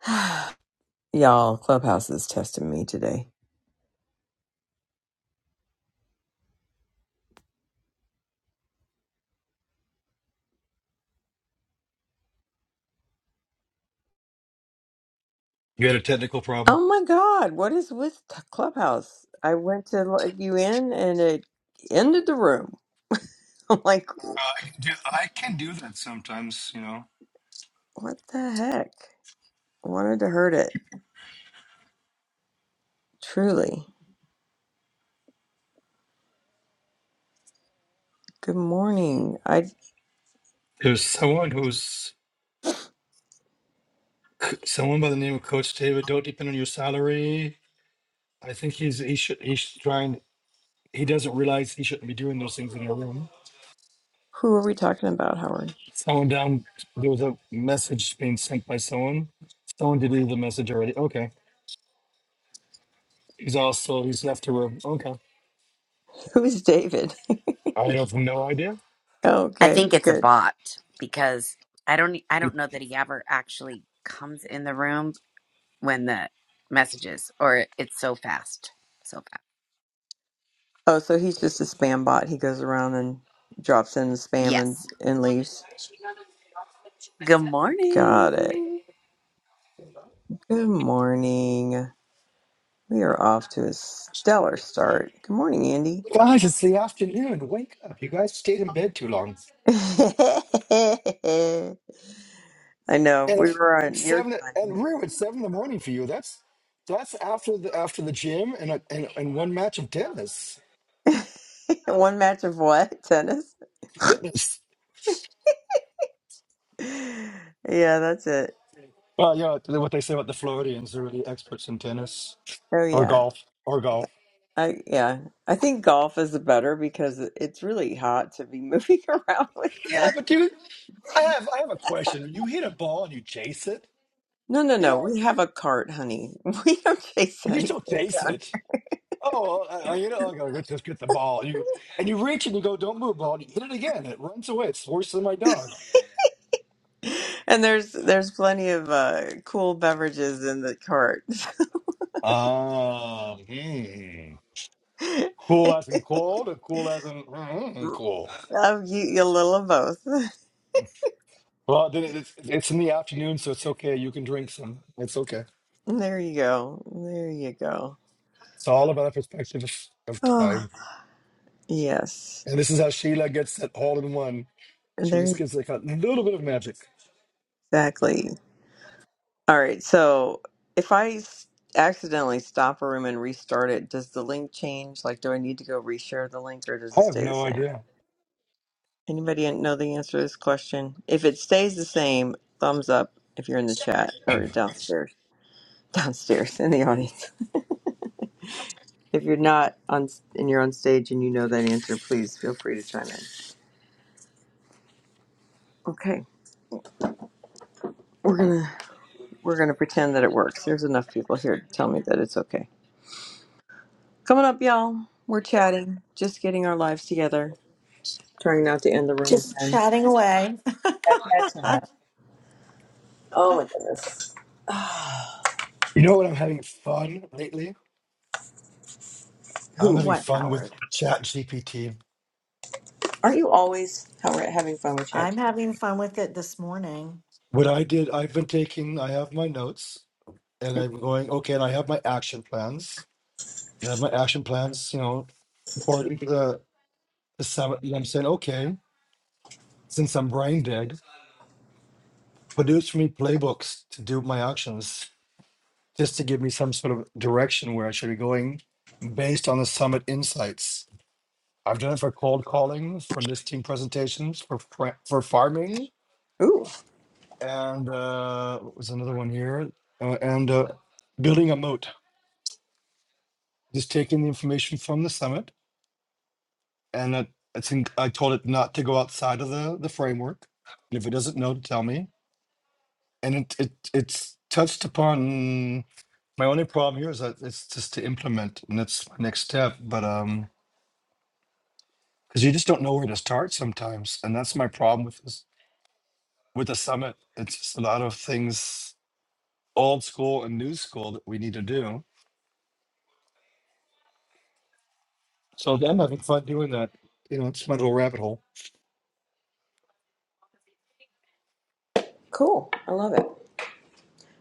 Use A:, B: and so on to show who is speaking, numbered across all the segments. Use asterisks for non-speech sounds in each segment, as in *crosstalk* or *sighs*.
A: *sighs* Y'all, Clubhouse is testing me today.
B: You had a technical problem?
A: Oh my God, what is with t- Clubhouse? I went to let you in and it ended the room. *laughs* I'm like,
B: Uh, I can do I can do that sometimes, you know.
A: what the heck? Wanted to hurt it. Truly. Good morning. I
B: There's someone who's someone by the name of Coach David. Don't depend on your salary. I think he's he should he's trying. He doesn't realize he shouldn't be doing those things in a room.
A: who are we talking about, Howard?
B: Someone down there was a message being sent by someone. Someone deleted the message already. Okay. He's also he's left the room. Okay.
A: Who's David? *laughs*
B: I have no idea.
C: I
A: okay,
C: think it's a
A: good.
C: bot because I don't e, I don't know that he ever actually comes in the room when the messages or it's so fast. So fast.
A: Oh, so he's just a spam bot. He goes around and drops in the spam and,
C: Yes.
A: and leaves.
C: Good
A: Got
C: morning.
A: it. Good morning. We are off to a stellar start. Good morning, Andy.
B: Guys, it's the afternoon. Wake up! You guys stayed in bed too long.
A: *laughs* I know.
B: and
A: We
B: if
A: were
B: it's
A: on your
B: seven and real, it's seven in the morning for you. That's that's after the after the gym and a, and, and one match of tennis.
A: time. *laughs* One match of what? Tennis?
B: Tennis.
A: Yeah, that's it.
B: Well, you know what they say about the Floridians, they're really experts in tennis
A: Oh
B: or
A: yeah.
B: golf or golf.
A: I yeah. I think golf is better because it's really hot to be moving *laughs* around with
B: Yeah, but dude, I have I have a question. You hit a ball and you chase it,
A: No, no,
B: you
A: no.
B: know,
A: We have a cart, honey. *laughs* We don't chase
B: but you still
A: anything
B: chase
A: down.
B: it. Oh, well, I, I, you know, I gotta go just get the ball. You and you reach and you go, don't move, ball. And you hit it again. It runs away. It's worse than my dog.
A: And there's there's plenty of uh, cool beverages in the cart.
B: Um, hmm.
A: *laughs*
B: Cool as in cold or cool as in mm, cool?
A: Um, you, a little of both. *laughs*
B: Well, then it- it's, it's in the afternoon, so it's okay. You can drink some. It's okay.
A: There you go. There you go.
B: It's all about the perspective of of
A: Oh,
B: time.
A: yes.
B: And this is how Sheila gets it all in one. She just
A: There
B: gives like a little bit of magic.
A: exactly. All right. So if I s- accidentally stop a room and restart it, does the link change? Like, do I need to go reshare the link, or does it
B: I have
A: stay the
B: no
A: same?
B: idea.
A: Anybody know the answer to this question? If it stays the same, thumbs up if you're in the chat or downstairs, *laughs* downstairs in the audience. If you're not on and you're on stage and you know that answer, please feel free to chime in. Okay, we're gonna we're gonna pretend that it works. There's enough people here to tell me that it's okay. Coming up, y'all. We're chatting, just getting our lives together, trying not to end the room
D: Just
A: again.
D: chatting away.
A: Chat, chat,
D: *laughs*
A: chat. Oh my goodness. *sighs*
B: You know what I'm having fun lately? I'm
A: Who?
B: having
D: what,
B: fun with
D: Howard?
B: Chat GPT.
A: Aren't you always how we're having fun with chat?
D: I'm having fun with it this morning.
B: What I did, I've been taking, I have my notes and I'm going, okay, and I have my action plans. And I have my action plans, you know, according to the Some, you know what I'm saying, okay, since I'm brain dead, produce for me playbooks to do my actions, just to give me some sort of direction where I should be going based on the summit insights. I've done it for cold calling, for listing presentations, for fra- for farming,
A: Ooh.
B: and uh, what was another one here? Uh, and uh, building a moat, just taking the information from the summit. And uh, I think I told it not to go outside of the, the framework. And if it doesn't know, to tell me and it, it it's touched upon my only problem here is that it's just to implement and that's my next step but um because you just don't know where to start sometimes and that's my problem with this with the summit it's just a lot of things old school and new school that we need to do so i'm having fun doing that you know it's my little rabbit hole
A: Cool. I love it.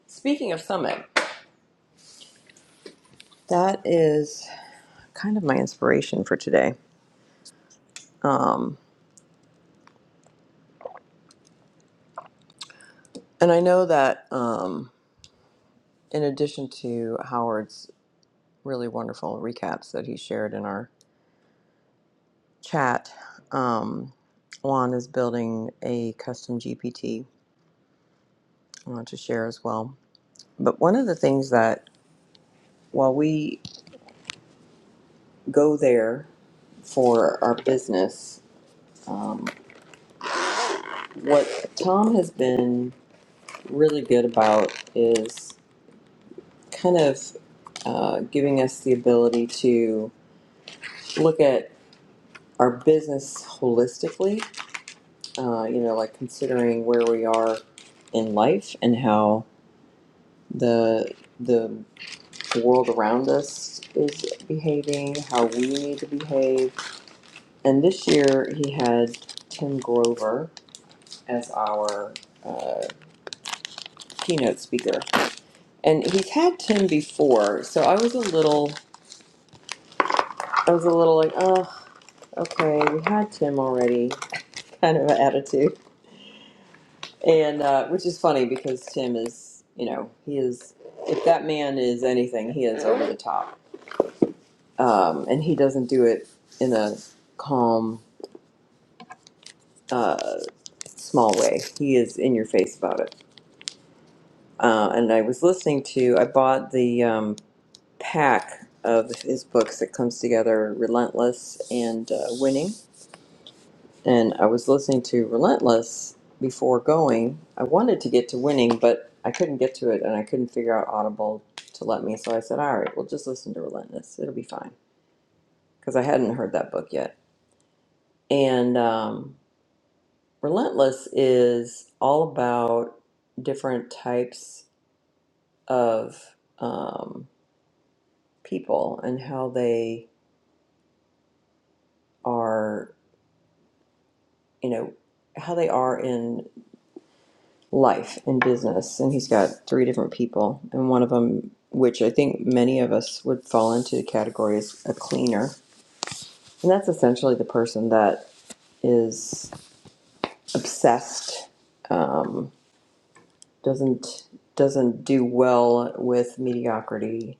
A: Speaking of Summit, that is kind of my inspiration for today. Um, and I know that um, in addition to Howard's really wonderful recaps that he shared in our chat, um, Juan is building a custom GPT want to share as well. But one of the things that while we go there for our business, um, what Tom has been really good about is kind of uh, giving us the ability to look at our business holistically, uh, you know, like considering where we are in life and how the the world around us is behaving, how we need to behave. And this year he had Tim Grover as our uh, keynote speaker. And he's had Tim before, so I was a little I was a little like, oh, okay, we had Tim already. kind of attitude. And uh, which is funny because Tim is, you know, he is, if that man is anything, he is over the top. Um, and he doesn't do it in a calm, uh, small way. He is in your face about it. Uh, and I was listening to, I bought the um, pack of his books that comes together Relentless and uh, Winning. and I was listening to Relentless before going. I wanted to get to Winning, but I couldn't get to it, and I couldn't figure out Audible to let me. So I said, "All right, we'll just listen to Relentless. It'll be fine," because I hadn't heard that book yet. And um, Relentless is all about different types of um, people and how they are, you know, how they are in life and business and he's got three different people and one of them which i think many of us would fall into the category is a cleaner and that's essentially the person that is obsessed um, doesn't doesn't do well with mediocrity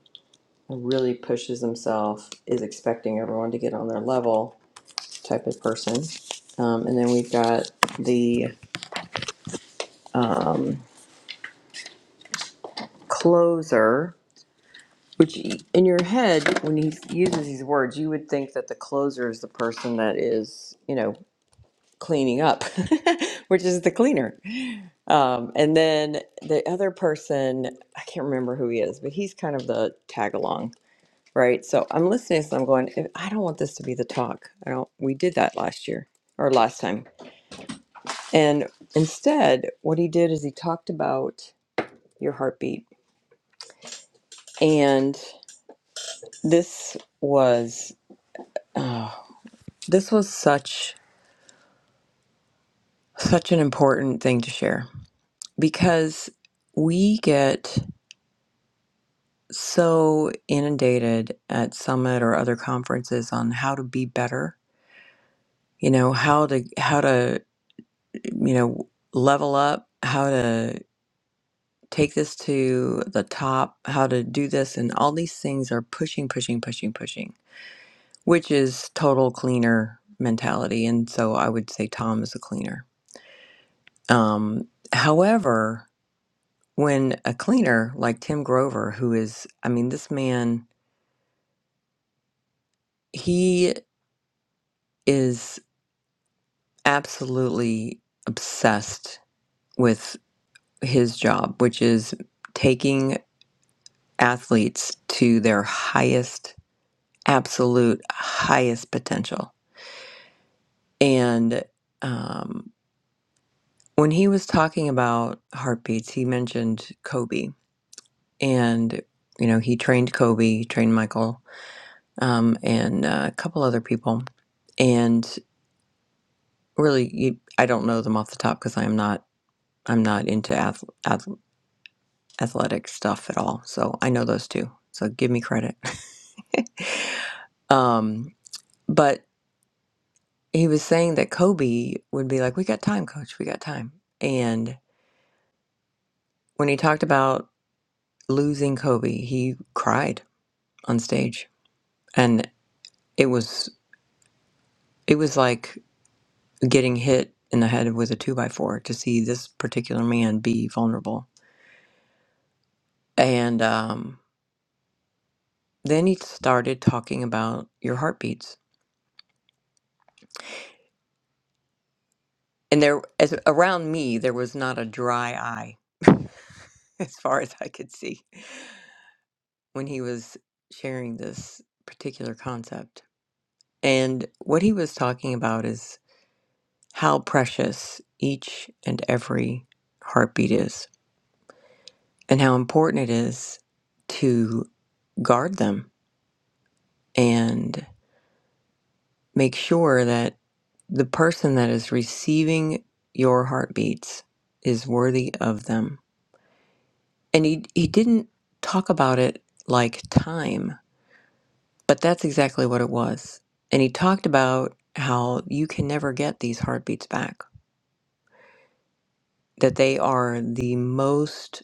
A: really pushes himself is expecting everyone to get on their level type of person um, and then we've got the um, closer Which y- in your head, when he uses these words, you would think that the closer is the person that is, you know, cleaning up, *laughs* which is the cleaner. Um, and then the other person, I can't remember who he is, but he's kind of the tag along, right? So I'm listening, so I'm going, "If- I don't want this to be the talk. I don't. We did that last year or last time, and instead, what he did is he talked about your heartbeat, and this was. uh, This was such such an important thing to share because we get so inundated at summit or other conferences on how to be better, you know, how to how to you know level up, how to take this to the top, how to do this and all these things are pushing pushing pushing pushing, which is total cleaner mentality and so I would say Tom is a cleaner. Um however, when a cleaner like Tim Grover, who is, I mean, this man, he is absolutely obsessed with his job, which is taking athletes to their highest, absolute highest potential. And um, when he was talking about heartbeats, he mentioned Kobe. And, you know, he trained Kobe, trained Michael, um, and uh, a couple other people and. really you, i don't know them off the top because i'm not i'm not into ath- ath- athletic stuff at all so i know those two so give me credit *laughs* um but he was saying that kobe would be like we got time coach we got time and when he talked about losing kobe he cried on stage and it was it was like getting hit in the head with a two by four to see this particular man be vulnerable and um Then he started talking about your heartbeats. And there, as around me, there was not a dry eye *laughs* as far as I could see when he was sharing this particular concept. And what he was talking about is how precious each and every heartbeat is, and how important it is to guard them. and make sure that the person that is receiving your heartbeats is worthy of them. And he, he didn't talk about it like time, but that's exactly what it was. And he talked about how you can never get these heartbeats back, that they are the most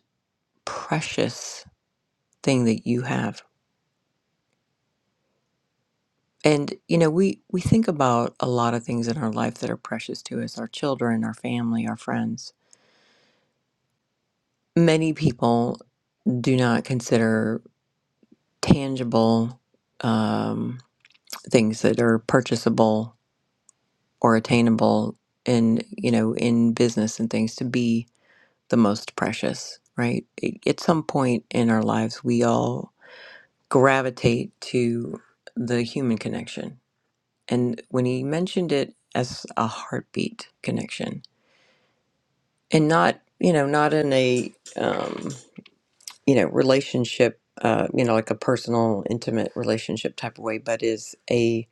A: precious thing that you have. And you know, we we think about a lot of things in our life that are precious to us, our children, our family, our friends. Many people do not consider tangible um, things that are purchasable or attainable in you know in business and things to be the most precious right A- at some point in our lives we all gravitate to the human connection and when he mentioned it as a heartbeat connection and not you know not in a um, you know relationship uh you know like a personal intimate relationship type of way but is a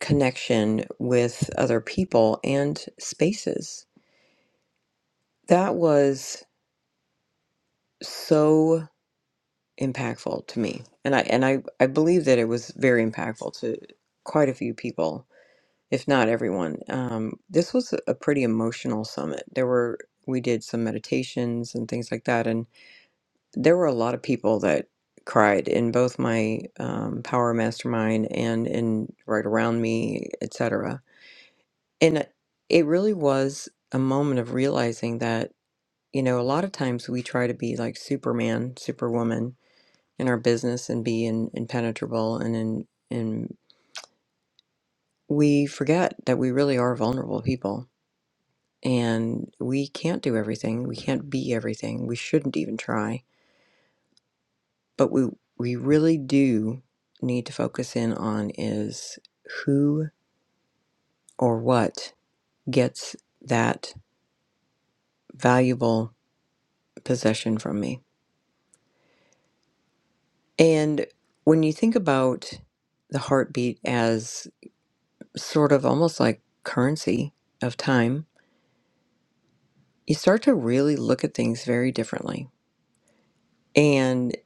A: connection with other people and spaces that was so impactful to me and i and i i believe that it was very impactful to quite a few people if not everyone um this was a pretty emotional summit there were we did some meditations and things like that and there were a lot of people that cried in both my um, power mastermind and in right around me etc and it really was a moment of realizing that you know a lot of times we try to be like superman superwoman in our business and be in, impenetrable and in and we forget that we really are vulnerable people and we can't do everything we can't be everything we shouldn't even try but we we really do need to focus in on is who or what gets that valuable possession from me and when you think about the heartbeat as sort of almost like currency of time you start to really look at things very differently and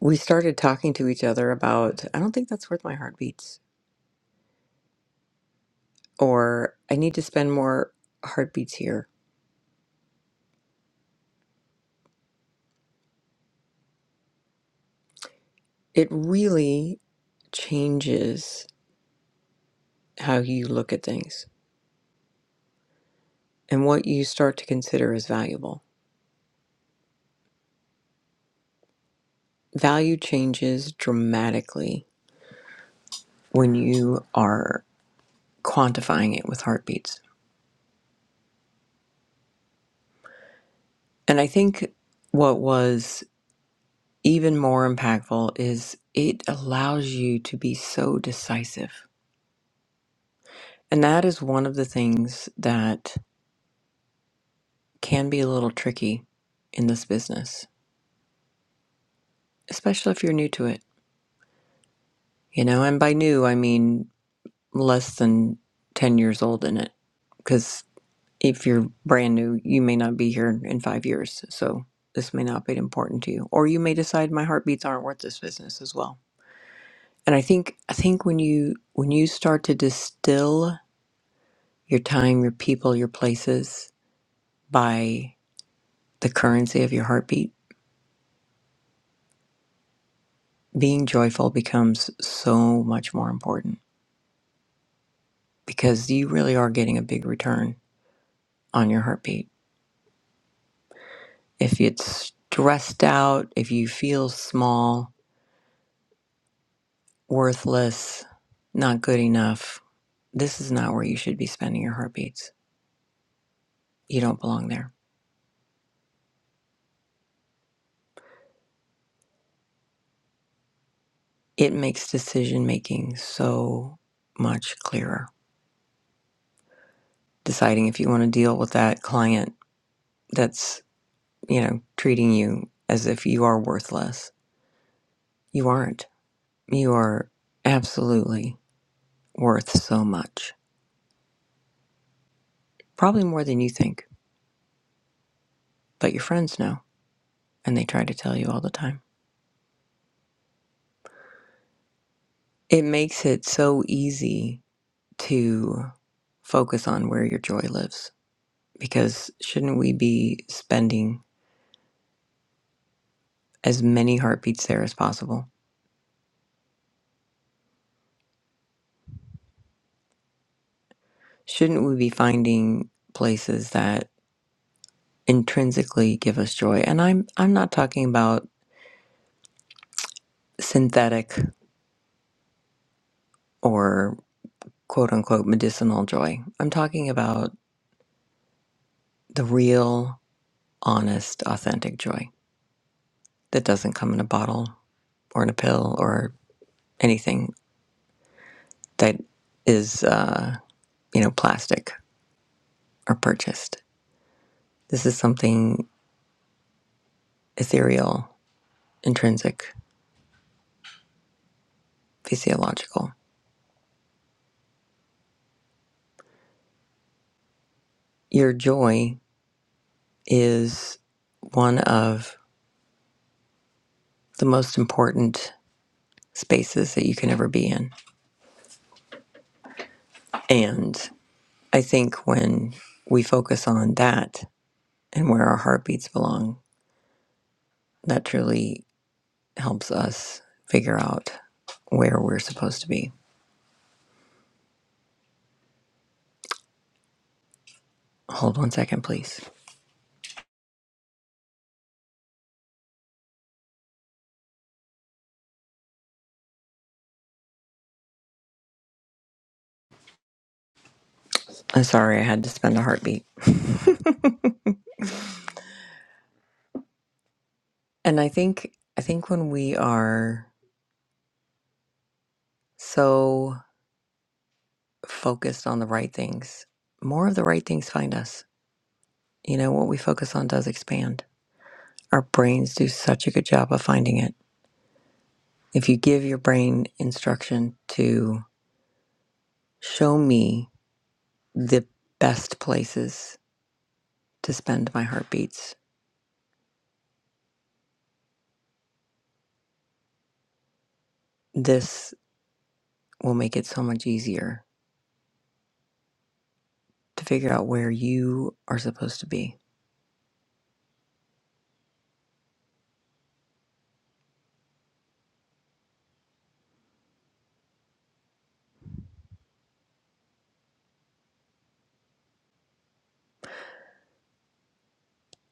A: we started talking to each other about i don't think that's worth my heartbeats or i need to spend more heartbeats here it really changes how you look at things and what you start to consider as valuable. Value changes dramatically when you are quantifying it with heartbeats. And I think what was even more impactful is it allows you to be so decisive. And that is one of the things that can be a little tricky in this business, especially if you're new to it. You know, and by new, I mean less than 10 years old in it because if you're brand new you may not be here in five years so this may not be important to you or you may decide my heartbeats aren't worth this business as well and i think i think when you when you start to distill your time your people your places by the currency of your heartbeat being joyful becomes so much more important because you really are getting a big return on your heartbeat If it's stressed out, if you feel small, worthless, not good enough, this is not where you should be spending your heartbeats. You don't belong there. It makes decision making so much clearer. Deciding if you want to deal with that client that's, you know, treating you as if you are worthless. You aren't. You are absolutely worth so much. Probably more than you think, but your friends know and they try to tell you all the time. It makes it so easy to focus on where your joy lives because shouldn't we be spending as many heartbeats there as possible? Shouldn't we be finding places that intrinsically give us joy? And I'm I'm not talking about synthetic or quote unquote medicinal joy. I'm talking about the real, honest, authentic joy that doesn't come in a bottle or in a pill or anything that is. Uh, you know, plastic or purchased. This is something ethereal, intrinsic, physiological. Your joy is one of the most important spaces that you can ever be in. And I think when we focus on that and where our heartbeats belong, that truly helps us figure out where we're supposed to be. Hold one second, please. I'm sorry I had to spend a heartbeat. And I think I think when we are so focused on the right things. More of the right things find us. You know, what we focus on does expand. Our brains do such a good job of finding it. If you give your brain instruction to show me the best places to spend my heartbeats, this will make it so much easier to figure out where you are supposed to be.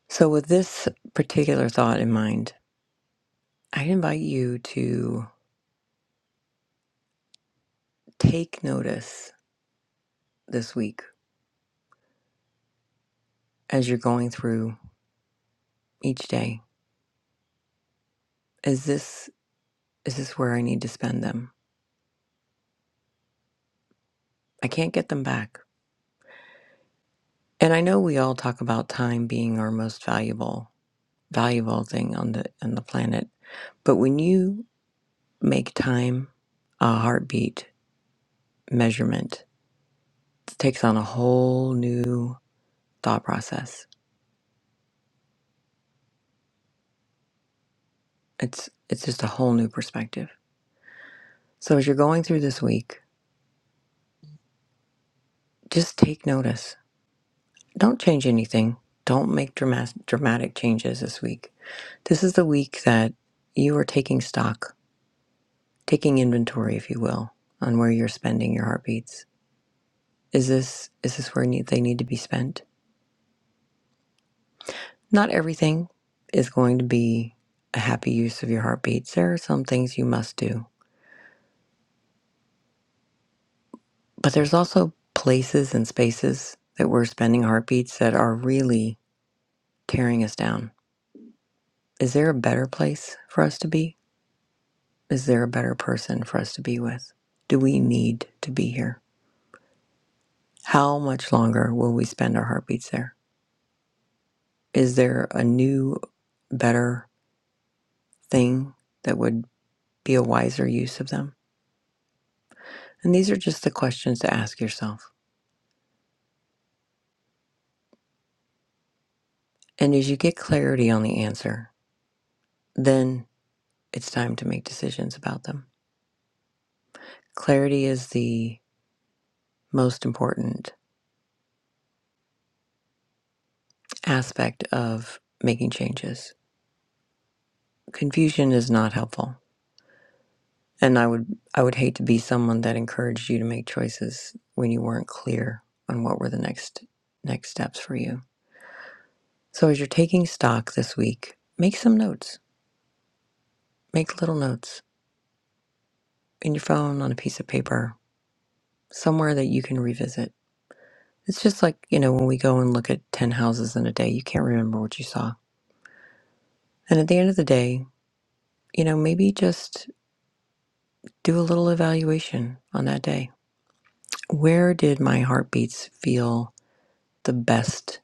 A: So, with this particular thought in mind, I invite you to take notice this week as you're going through each day is this is this where i need to spend them i can't get them back and i know we all talk about time being our most valuable valuable thing on the on the planet but when you make time a heartbeat measurement it takes on a whole new thought process it's it's just a whole new perspective so as you're going through this week just take notice Don't change anything. Don't make dramatic dramatic changes this week. This is the week that you are taking stock, taking inventory, if you will, on where you're spending your heartbeats. Is this is this where need, they need to be spent? Not everything is going to be a happy use of your heartbeats. There are some things you must do, but there's also places and spaces that we're spending heartbeats that are really tearing us down. Is there a better place for us to be? Is there a better person for us to be with? Do we need to be here? How much longer will we spend our heartbeats there? Is there a new, better thing that would be a wiser use of them? And these are just the questions to ask yourself. And as you get clarity on the answer, then it's time to make decisions about them. Clarity is the most important aspect of making changes. Confusion is not helpful And I would I would hate to be someone that encouraged you to make choices when you weren't clear on what were the next next steps for you. So as you're taking stock this week, make some notes. Make little notes in your phone on a piece of paper, somewhere that you can revisit. It's just like, you know, when we go and look at 10 houses in a day, you can't remember what you saw. And at the end of the day, you know, maybe just do a little evaluation on that day. Where did my heartbeats feel the best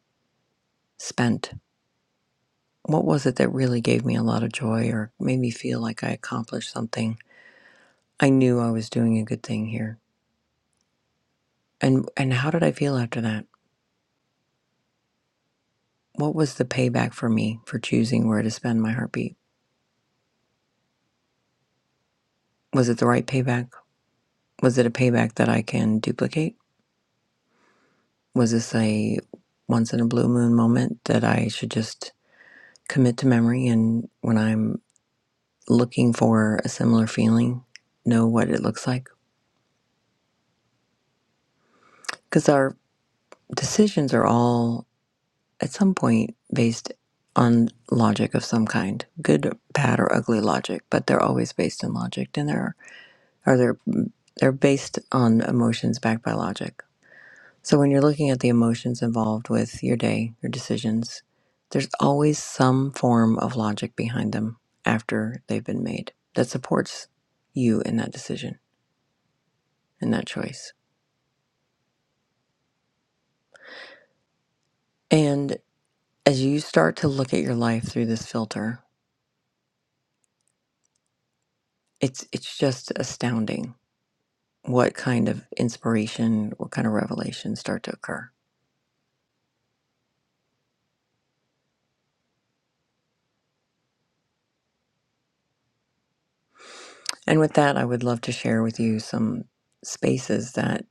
A: spent? what was it that really gave me a lot of joy or made me feel like I accomplished something? I knew I was doing a good thing here. And and how did I feel after that? What was the payback for me for choosing where to spend my heartbeat? Was it the right payback? Was it a payback that I can duplicate? Was this a once in a blue moon moment that I should just commit to memory and when I'm looking for a similar feeling, know what it looks like? Cuz our decisions are all at some point based on logic of some kind, good, bad, or ugly logic, but they're always based in logic, and they're or they're they're based on emotions backed by logic. So when you're looking at the emotions involved with your day, your decisions, there's always some form of logic behind them after they've been made that supports you in that decision, in that choice. And as you start to look at your life through this filter, it's it's just astounding what kind of inspiration, what kind of revelations start to occur. And with that, I would love to share with you some spaces that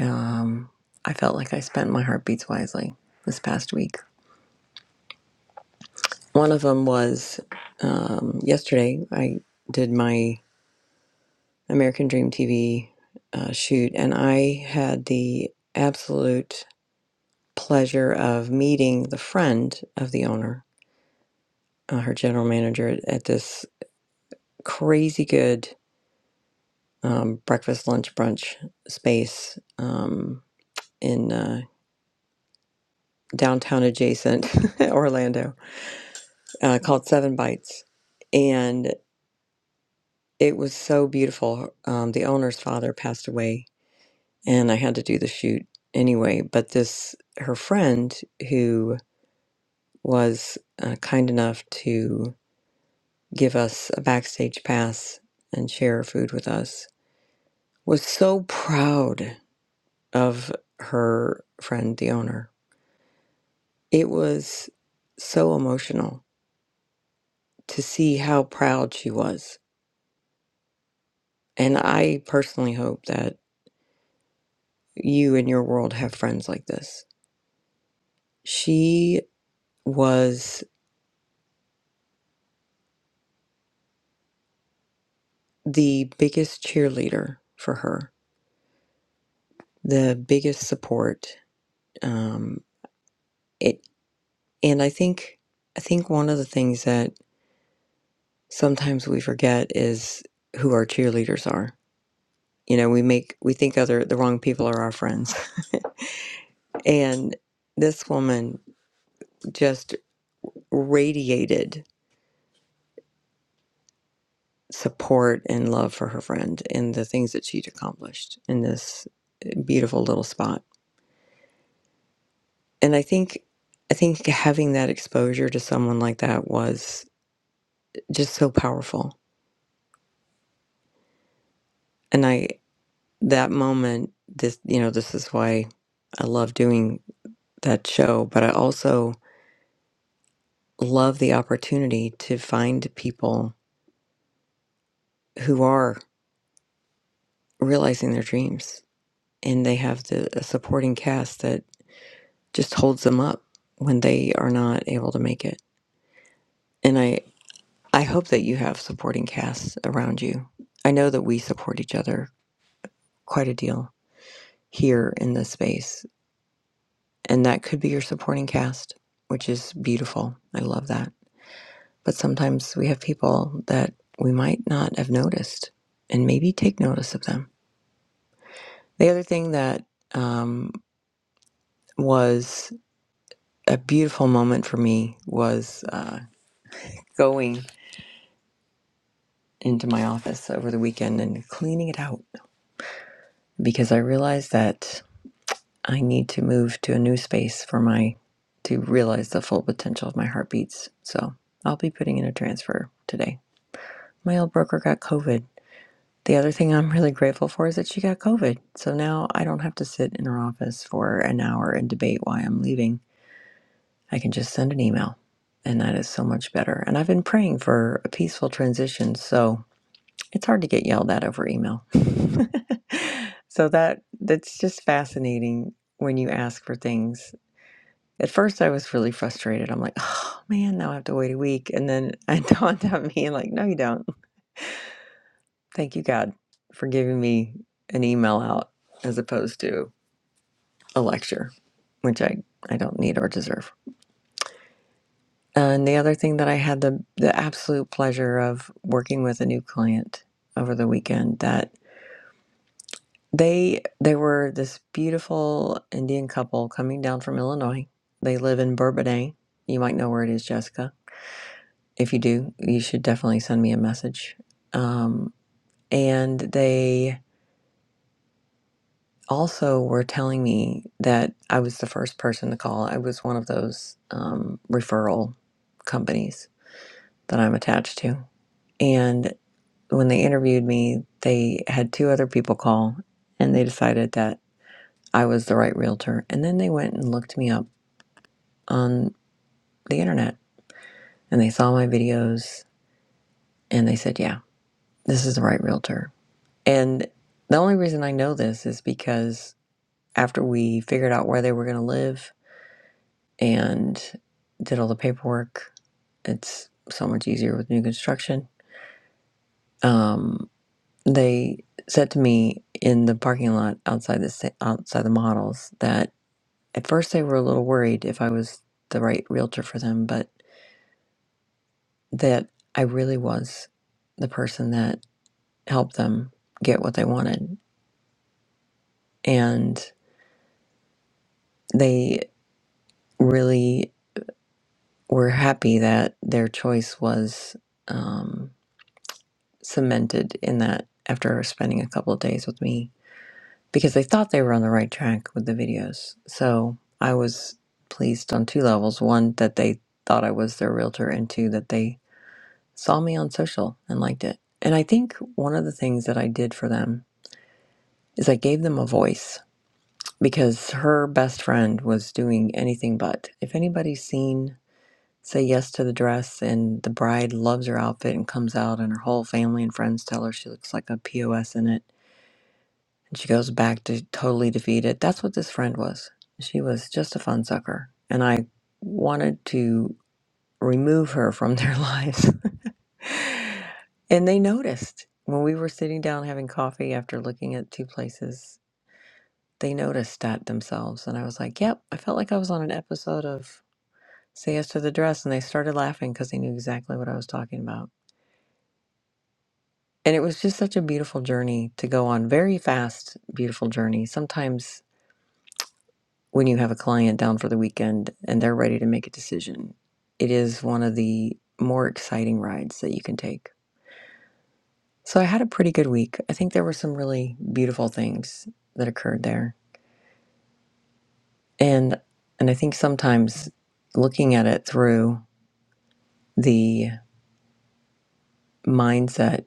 A: um, I felt like I spent my heartbeats wisely this past week. One of them was um, yesterday, I did my American Dream TV uh, shoot, and I had the absolute pleasure of meeting the friend of the owner, uh, her general manager at, at this crazy good um, breakfast, lunch, brunch space um, in uh, downtown adjacent *laughs* Orlando uh, called Seven Bites. And it was so beautiful. Um, the owner's father passed away, and I had to do the shoot anyway. But this, her friend who was uh, kind enough to give us a backstage pass and share her food with us, was so proud of her friend, the owner It was so emotional to see how proud she was. And I personally hope that you and your world have friends like this. She was the biggest cheerleader for her, the biggest support. Um, it, and I think, I think one of the things that sometimes we forget is who our cheerleaders are. You know, we make, we think other, the wrong people are our friends. *laughs* And this woman just radiated support and love for her friend and the things that she'd accomplished in this beautiful little spot. And I think I think having that exposure to someone like that was just so powerful. And I that moment this you know this is why I love doing that show, but I also love the opportunity to find people who are realizing their dreams and they have the a supporting cast that. just holds them up when they are not able to make it. And I, I hope that you have supporting casts around you. I know that we support each other quite a deal here in this space, and that could be your supporting cast, which is beautiful. I love that. But sometimes we have people that we might not have noticed, and maybe take notice of them. The other thing that um, was a beautiful moment for me was uh, going. into my office over the weekend and cleaning it out because I realized that I need to move to a new space for my to realize the full potential of my heartbeats. So I'll be putting in a transfer today. My old broker got COVID. The other thing I'm really grateful for is that she got COVID. So now I don't have to sit in her office for an hour and debate why I'm leaving. I can just send an email. And that is so much better. And I've been praying for a peaceful transition. So it's hard to get yelled at over email. *laughs* so that that's just fascinating when you ask for things. At first I was really frustrated. I'm like, oh man, now I have to wait a week. And then it *laughs* dawned on me like, no you don't. Thank you God for giving me an email out as opposed to a lecture, which I, I don't need or deserve. And the other thing that I had the the absolute pleasure of working with a new client over the weekend that. They they were this beautiful Indian couple coming down from Illinois. They live in Bourbonnais. You might know where it is, Jessica. If you do, you should definitely send me a message. Um, and they also were telling me that I was the first person to call. I was one of those um, referral companies that I'm attached to. And when they interviewed me, they had two other people call, and they decided that I was the right realtor. And then they went and looked me up on the internet and they saw my videos and they said, yeah, this is the right realtor. And the only reason I know this is because after we figured out where they were going to live and did all the paperwork, it's so much easier with new construction. Um, they said to me in the parking lot outside the sa- outside the models that at first they were a little worried if I was the right realtor for them, but that I really was the person that helped them get what they wanted. And they really were happy that their choice was um, cemented in that after spending a couple of days with me because they thought they were on the right track with the videos. So I was pleased on two levels one, that they thought I was their realtor, and two, that they saw me on social and liked it. And I think one of the things that I did for them is I gave them a voice because her best friend was doing anything but. If anybody's seen Say Yes to the Dress and the bride loves her outfit and comes out, and her whole family and friends tell her she looks like a POS in it, and she goes back to totally defeated, that's what this friend was. She was just a fun sucker. And I wanted to remove her from their *laughs* lives. and they noticed when we were sitting down having coffee after looking at two places they noticed that themselves. And I was like, yep, I felt like I was on an episode of Say Yes to the Dress. And they started laughing because they knew exactly what I was talking about. And it was just such a beautiful journey to go on, very fast, beautiful journey. Sometimes when you have a client down for the weekend and they're ready to make a decision, it is one of the more exciting rides that you can take. So I had a pretty good week. I think there were some really beautiful things that occurred there. And and I think sometimes looking at it through. the mindset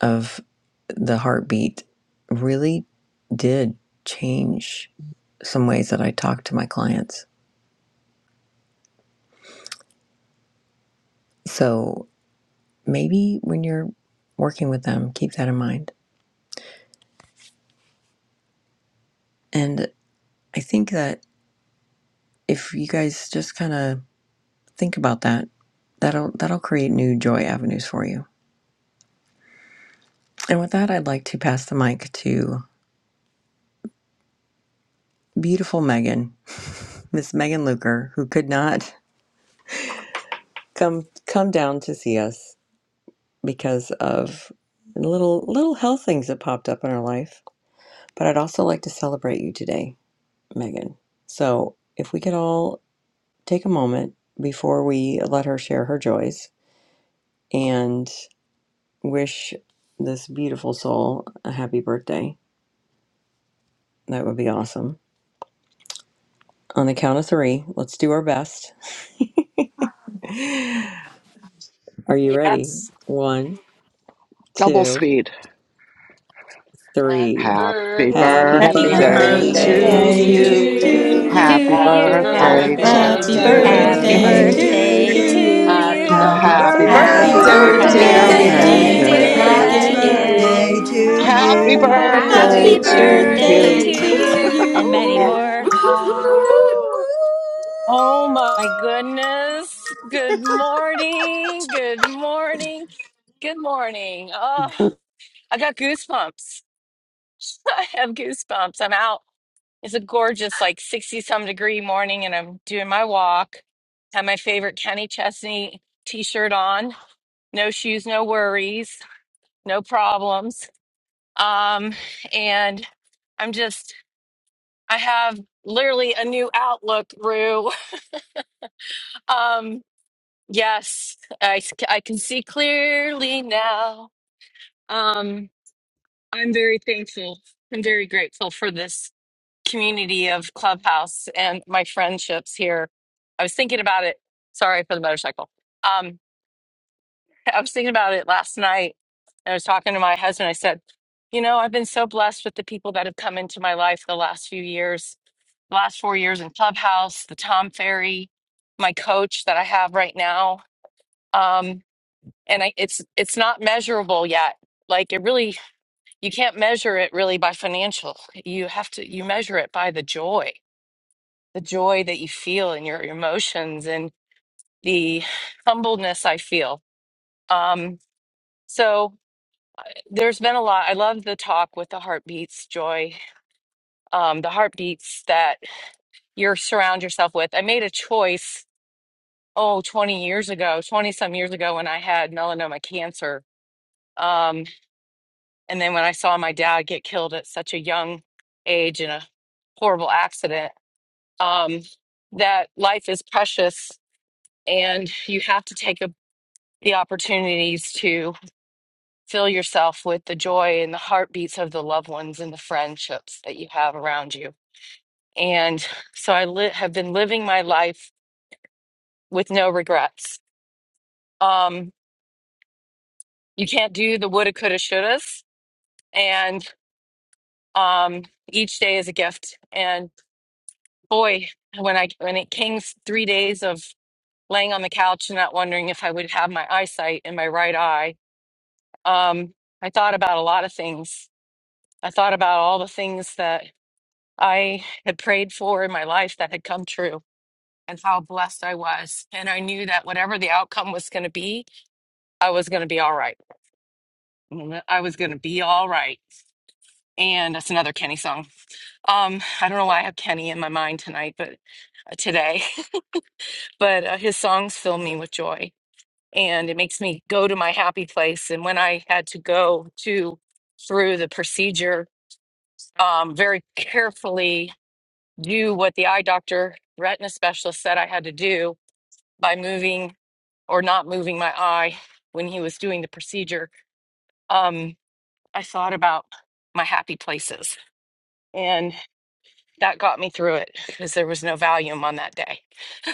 A: of the heartbeat really did change some ways that I talk to my clients. So maybe when you're working with them, keep that in mind. And I think that if you guys just kind of think about that, that'll that'll create new joy avenues for you. And with that, I'd like to pass the mic to beautiful Megan, Miss Megan Luker, who could not come come down to see us because of little little health things that popped up in our life. But I'd also like to celebrate you today, Megan. So if we could all take a moment before we let her share her joys and wish this beautiful soul a happy birthday, that would be awesome. On the count of three, let's do our best. *laughs* Are you ready?
E: Yes.
A: One,
F: double
A: two,
F: speed.
G: Happy
A: three.
F: Happy
A: Happy
H: Happy
I: Happy
J: Happy
G: birthday
K: Happy
G: to
F: birthday
H: birthday
A: birthday
I: birthday
J: birthday
F: to
I: to
J: to
D: Day
A: to
K: birthday
D: to
K: to
F: you.
H: to
G: you.
I: you.
J: you.
A: you.
K: you.
D: you.
F: Happy
L: to
H: you.
G: Happy
I: Happy
L: you.
D: Happy
F: birthday
J: Happy
F: to
I: birthday
G: birthday
I: to
H: Happy
M: Happy
A: Happy
G: to
I: you.
D: birthday to
F: you.
L: Happy
J: birthday
H: birthday
J: to
K: Birthday
G: you.
A: birthday
K: to
A: to
H: to
L: birthday to
D: you.
K: you.
J: you.
H: you.
G: Happy
L: you.
A: you.
K: Happy
F: Happy
D: Happy
H: Happy
K: birthday,
N: Happy
M: birthday
I: Birthday,
A: Happy
F: birthday,
K: dear
M: to
L: Happy
G: birthday,
I: dear
D: birthday,
F: dear
H: birthday,
G: dear
N: birthday,
D: dear
M: you.
A: birthday,
L: birthday,
E: Happy
K: Megan.
H: dear
I: Megan.
N: dear
A: dear
L: dear
E: birthday
F: Megan.
K: Happy
G: Megan.
I: Happy
E: to
D: Megan.
H: Megan.
E: you.
A: Megan.
K: birthday
L: Megan.
I: birthday
K: to
I: to
N: Megan.
M: Happy
G: Happy
F: Happy
D: Happy
K: you.
I: you.
A: Happy
G: birthday to
H: Happy
N: Happy
F: birthday
L: Happy
M: birthday
D: birthday to
F: to
M: to
A: birthday
L: birthday
F: you.
H: birthday
L: to
A: to
D: you.
H: to
G: you.
D: Woo!
N: birthday
L: you
M: you.
L: and
N: to
L: many
H: you.
A: you.
G: Woo-hoo,
N: you. Woo,
L: more.
N: woo, woo.
A: Woo!
G: woo.
J: Woo!
O: Oh my goodness. Good morning. Good morning. Good morning. Oh, I got goosebumps. *laughs* I have goosebumps. I'm out. It's a gorgeous, like 60 some degree morning, and I'm doing my walk. Have my favorite Kenny Chesney t shirt on. No shoes, no worries, no problems. Um, and I'm just, I have literally a new outlook, Rue. *laughs* Um, Yes, I, s- I can see clearly now. Um, I'm very thankful and very grateful for this community of Clubhouse and my friendships here. I was thinking about it. Sorry for the motorcycle. Um, I was thinking about it last night. I was talking to my husband. I said, You know, I've been so blessed with the people that have come into my life the last few years, the last four years in Clubhouse, the Tom Ferry, my coach that I have right now. Um, and I, it's it's not measurable yet like it really you can't measure it really by financial you have to you measure it by the joy the joy that you feel in your emotions and the humbleness i feel um so there's been a lot i love the talk with the heartbeats joy um the heartbeats that you surround yourself with i made a choice oh 20 years ago 20 some years ago when i had melanoma cancer Um, And then when I saw my dad get killed at such a young age in a horrible accident, um, that life is precious and you have to take a, the opportunities to fill yourself with the joy and the heartbeats of the loved ones and the friendships that you have around you. And so I li- have been living my life with no regrets. Um, you can't do the woulda, coulda, shouldas. And um, each day is a gift. And boy, when I when it came s- three days of laying on the couch and not wondering if I would have my eyesight in my right eye, um, I thought about a lot of things. I thought about all the things that I had prayed for in my life that had come true and how blessed I was. And I knew that whatever the outcome was going to be, I was going to be all right. Mm, I was going to be all right. And that's another Kenny song. Um, I don't know why I have Kenny in my mind tonight, but uh, today, *laughs* but uh, his songs fill me with joy and it makes me go to my happy place. And when I had to go to through the procedure, um, very carefully do what the eye doctor, retina specialist said I had to do by moving or not moving my eye when he was doing the procedure, um, I thought about my happy places. And that got me through it because there was no Valium on that day. *laughs*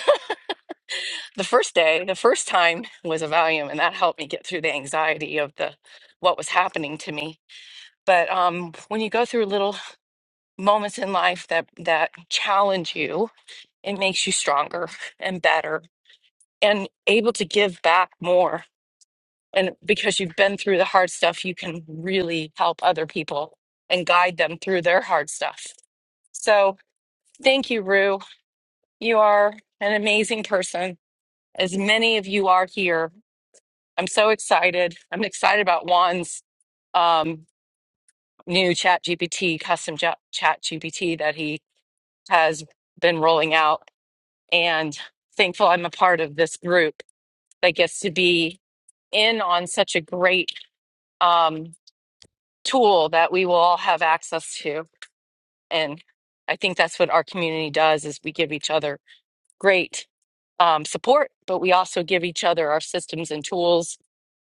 O: The first day, the first time was a Valium, and that helped me get through the anxiety of the what was happening to me but um, when you go through little moments in life that that challenge you it makes you stronger and better and able to give back more and because you've been through the hard stuff you can really help other people and guide them through their hard stuff so thank you rue you are an amazing person as many of you are here i'm so excited i'm excited about juan's um, new chat gpt custom chat gpt that he has been rolling out and thankful I'm a part of this group that gets to be in on such a great um, tool that we will all have access to. And I think that's what our community does is we give each other great um, support, but we also give each other our systems and tools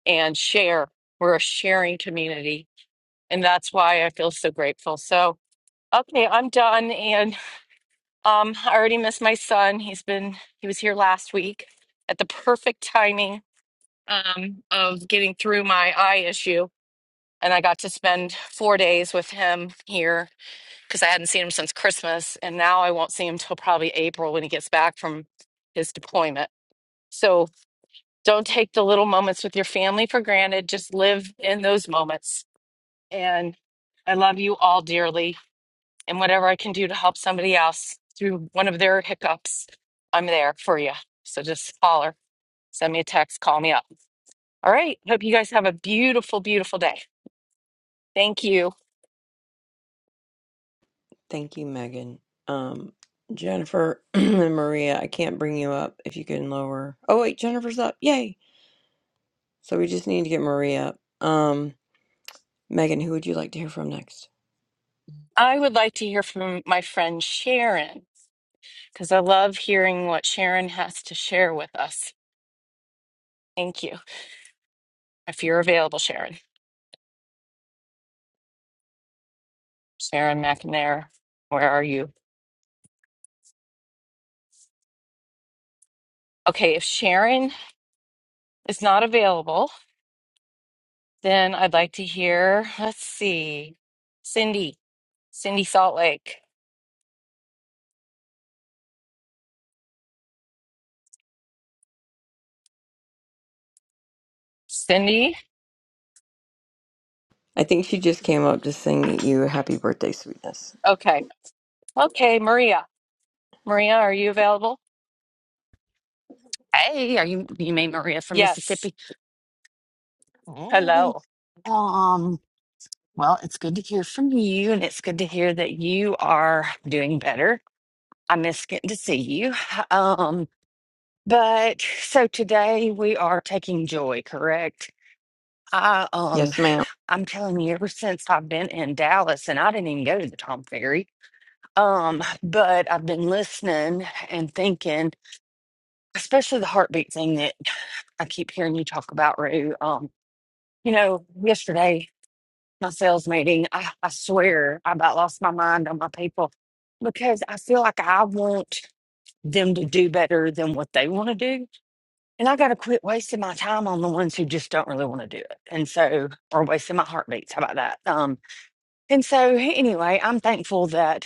O: and share. We're a sharing community. And that's why I feel so grateful. So, okay, I'm done. and. Um, I already missed my son. He's been he was here last week at the perfect timing um of getting through my eye issue. And I got to spend four days with him here because I hadn't seen him since Christmas. And now I won't see him till probably April when he gets back from his deployment. So don't take the little moments with your family for granted. Just live in those moments. And I love you all dearly and whatever I can do to help somebody else through one of their hiccups, I'm there for you. So just holler, send me a text, call me up. All right. Hope you guys have a beautiful, beautiful day. Thank you.
A: Thank you, Megan. Um, Jennifer *clears throat* and Maria, I can't bring you up if you can lower. Oh, wait, Jennifer's up. Yay. So we just need to get Maria up. Um, Megan, who would you like to hear from next?
O: I would like to hear from my friend Sharon because I love hearing what Sharon has to share with us. Thank you. If you're available, Sharon, Sharon McNair, where are you? Okay, if Sharon is not available, then I'd like to hear, let's see, Cindy, Cindy Salt Lake. Cindy?
A: I think she just came up to sing you happy birthday, sweetness.
O: Okay. Okay, Maria. Maria, are you available?
P: Hey, are you you made Maria from
O: Yes.
P: Mississippi? Hey.
O: Hello.
P: Um, well, it's good to hear from you, and it's good to hear that you are doing better. I miss getting to see you. Um, but so today we are taking joy, correct? I um
A: Yes, ma'am.
P: I'm telling you, ever since I've been in Dallas and I didn't even go to the Tom Ferry. Um, but I've been listening and thinking, especially the heartbeat thing that I keep hearing you talk about, Rue. Um, You know, yesterday, my sales meeting, I, I swear I about lost my mind on my people because I feel like I want them to do better than what they want to do. And I got to quit wasting my time on the ones who just don't really want to do it. And so, or wasting my heartbeats. How about that? Um, and so, anyway, I'm thankful that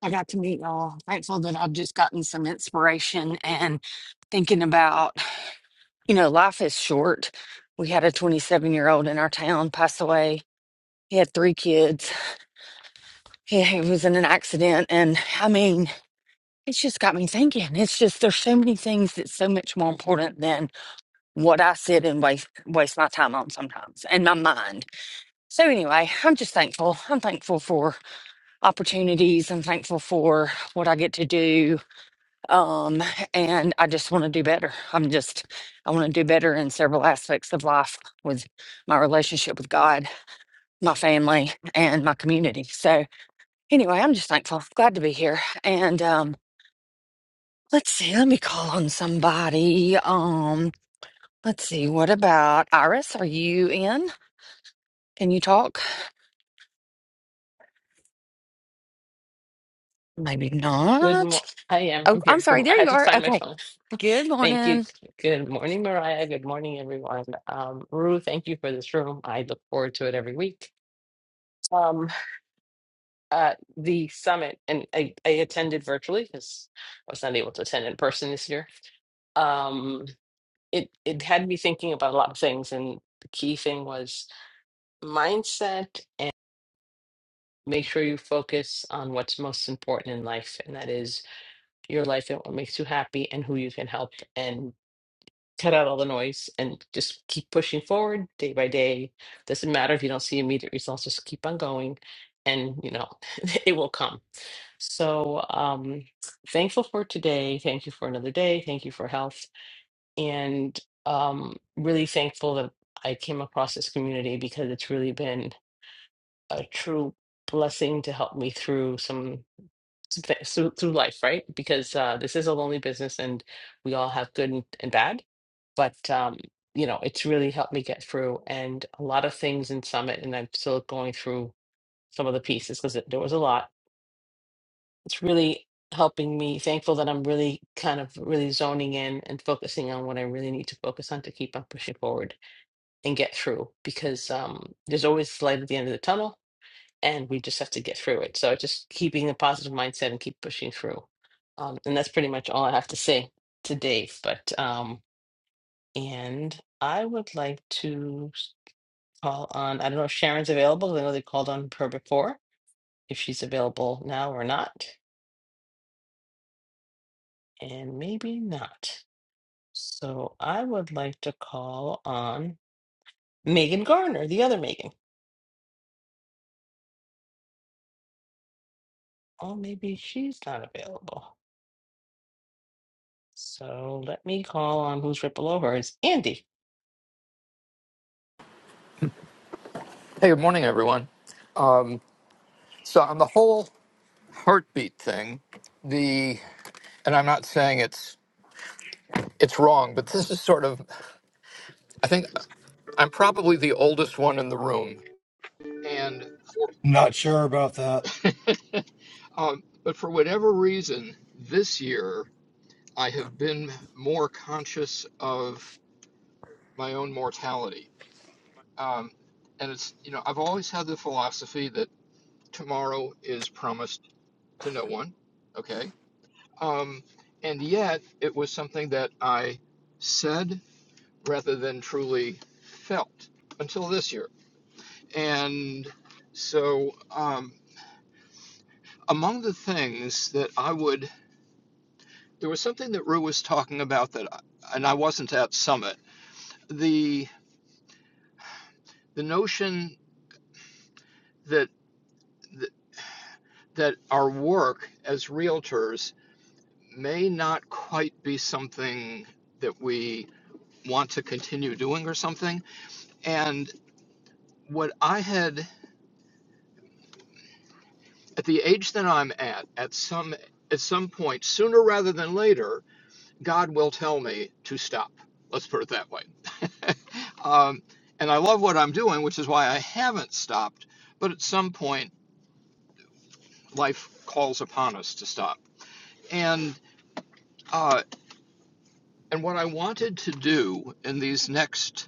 P: I got to meet y'all. Thankful that I've just gotten some inspiration and thinking about, you know, life is short. We had a 27 year old in our town pass away He had three kids. He, he was in an accident. And I mean, it's just got me thinking. It's just, there's so many things that's so much more important than what I sit and waste, waste my time on sometimes and my mind. So, anyway, I'm just thankful. I'm thankful for opportunities. I'm thankful for what I get to do. Um, and I just want to do better. I'm just, I want to do better in several aspects of life with my relationship with God, my family, and my community. So, Anyway, I'm just thankful. Glad to be here. And um, let's see. Let me call on somebody. Um, let's see. What about Iris? Are you in? Can you talk? Maybe
G: Good morning.
P: not.
G: I am.
P: Oh,
G: I'm
P: I'm
G: here. Good
P: sorry.
G: mo- I
P: There
G: had
P: you
G: to
P: are.
G: find my
P: Okay.
G: phone.
P: Good
G: *laughs* Thank you.
P: morning.
G: Good morning, Mariah. Good morning, everyone. Um, Rue, thank you for this room. I look forward to it every week. Um, uh, the summit, and I, I attended virtually because I was not able to attend in person this year. Um, it it had me thinking about a lot of things, and the key thing was mindset and make sure you focus on what's most important in life, and that is your life and what makes you happy and who you can help and cut out all the noise and just keep pushing forward day by day. Doesn't matter if you don't see immediate results, just keep on going and you know *laughs* it will come So um, thankful for today. Thank you for another day. Thank you for health. And um, really thankful that I came across this community because it's really been a true blessing to help me through some some thi- through, through life, right? Because uh, this is a lonely business, and we all have good and, and bad. But um, you know, it's really helped me get through, and a lot of things in Summit, and I'm still going through some of the pieces because there was a lot it's really helping me thankful that i'm really kind of really zoning in and focusing on what i really need to focus on to keep on pushing forward and get through because um, there's always light at the end of the tunnel and we just have to get through it so just keeping a positive mindset and keep pushing through um, and that's pretty much all i have to say to dave but um, and i would like to s- call on i don't know if sharon's available 'cause i know they called on her before if she's available now or not and maybe not So I would like to call on Megan Garner, the other Megan. Oh, maybe she's not available. So let me call on who's right below her is Andy.
Q: Hey, good morning, everyone. Um, so on the whole heartbeat thing, the and I'm not saying it's it's wrong, but this is sort of I think I'm probably the oldest one in the room, and
B: not sure about that
Q: *laughs* um, but for whatever reason, this year I have been more conscious of my own mortality, um, and it's you know I've always had the philosophy that tomorrow is promised to no one, okay, Um, and yet, it was something that I said rather than truly felt until this year. And so, um, among the things that I would, there was something that Rue was talking about that, I, and I wasn't at Summit. The the notion that that that our work as realtors may not quite be something that we want to continue doing or something. And what I had at the age that I'm at, at some at some point, sooner rather than later, God will tell me to stop. Let's put it that way. *laughs* um, and I love what I'm doing, which is why I haven't stopped. But at some point, life calls upon us to stop. And uh, and what I wanted to do in these next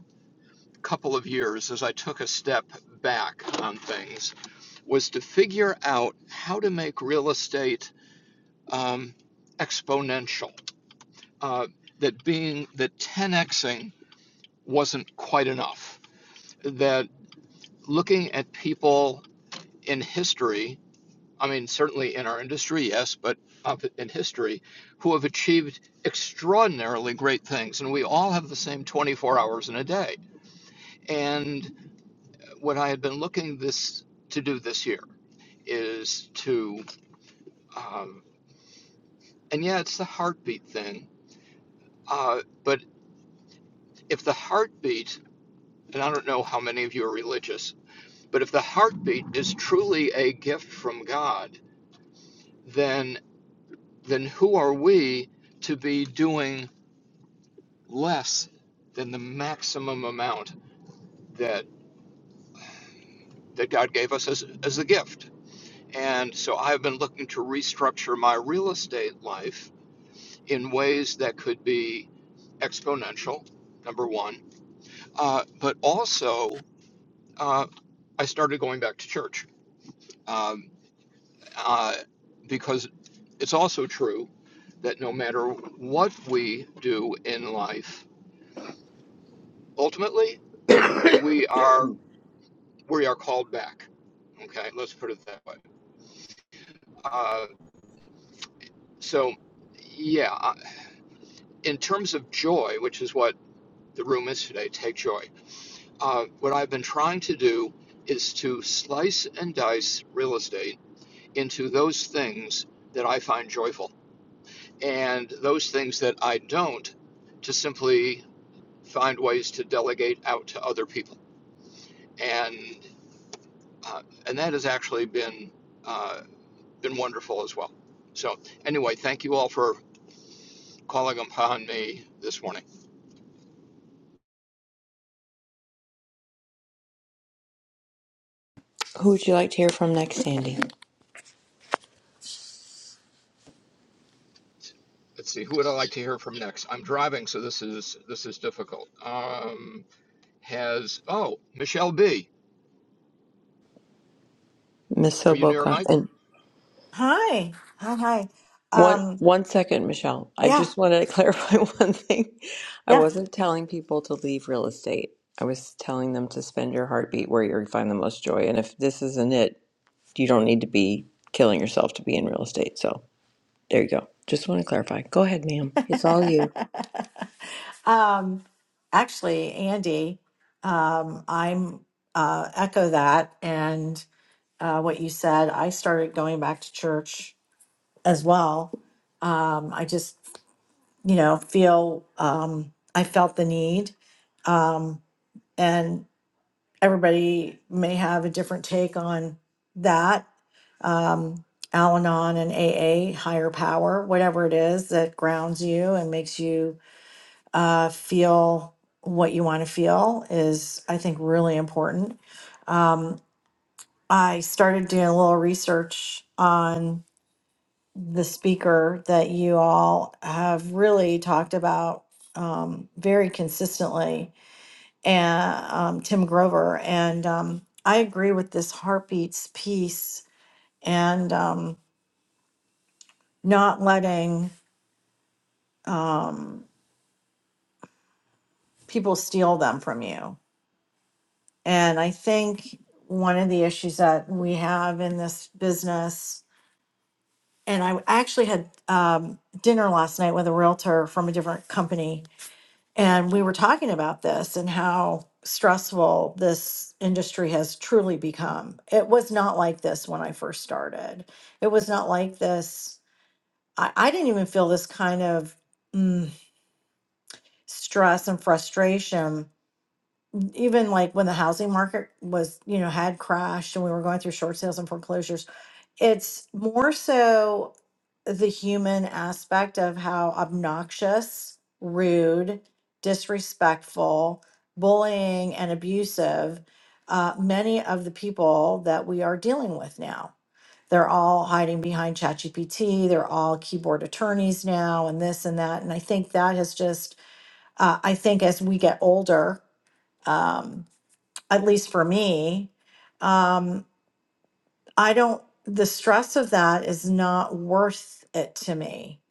Q: couple of years, as I took a step back on things, was to figure out how to make real estate um, exponential uh, that being that 10xing wasn't quite enough. That looking at people in history, I mean, certainly in our industry, yes, but uh, in history, who have achieved extraordinarily great things, and we all have the same 24 hours in a day. And what I had been looking this to do this year is to, um, and yeah, it's the heartbeat thing. Uh, but if the heartbeat, and I don't know how many of you are religious, But if the heartbeat is truly a gift from God, then then who are we to be doing less than the maximum amount that that God gave us as, as a gift? And so I've been looking to restructure my real estate life in ways that could be exponential, number one. Uh, but also, uh, I started going back to church um, uh, because It's also true that no matter what we do in life, ultimately we are we are called back. Okay, let's put it that way. Uh, so, yeah, uh, in terms of joy, which is what the room is today, take joy. Uh, what I've been trying to do is to slice and dice real estate into those things that I find joyful and those things that I don't, to simply find ways to delegate out to other people, and uh, and that has actually been uh, been wonderful as well. So anyway, thank you all for calling upon me this morning.
A: Who would you like to hear from next, Sandy?
Q: Let's see, who would I like to hear from next? I'm driving, so this is this is difficult. Um, has oh Michelle B.
A: Miss
Q: Are you near a
A: Soboka.
Q: mic?
A: And
D: Hi. Hi. Hi.
A: One
D: Um,
A: one second, Michelle. I
D: yeah.
A: just want to *laughs* clarify one thing. I
D: Yeah.
A: wasn't telling people to leave real estate. I was telling them to spend your heartbeat where you find the most joy. And if this isn't it, you don't need to be killing yourself to be in real estate. So there you go. Just want to clarify. Go ahead, ma'am. It's all you.
D: *laughs* Um, actually, Andy, um, I'm uh, echo that and uh, what you said. I started going back to church as well. Um, I just, you know, feel um, I felt the need, um, and everybody may have a different take on that. Um, Al Anon and AA, higher power, whatever it is that grounds you and makes you uh, feel what you want to feel is, I think, really important. Um, I started doing a little research on the speaker that you all have really talked about um, very consistently, and um, Tim Grover. And um, I agree with this heartbeats piece and um, not letting um, people steal them from you And I think one of the issues that we have in this business, and I actually had um, dinner last night with a realtor from a different company, and we were talking about this and how stressful this industry has truly become. It was not like this when I first started. It was not like this. I, I didn't even feel this kind of mm, stress and frustration even like when the housing market was, you know, had crashed and we were going through short sales and foreclosures, it's more so the human aspect of how obnoxious, rude, disrespectful, bullying, and abusive uh, many of the people that we are dealing with now. They're all hiding behind ChatGPT. They're all keyboard attorneys now, and this and that. And I think that has just, uh, I think as we get older, um, at least for me, um, I don't, the stress of that is not worth it to me.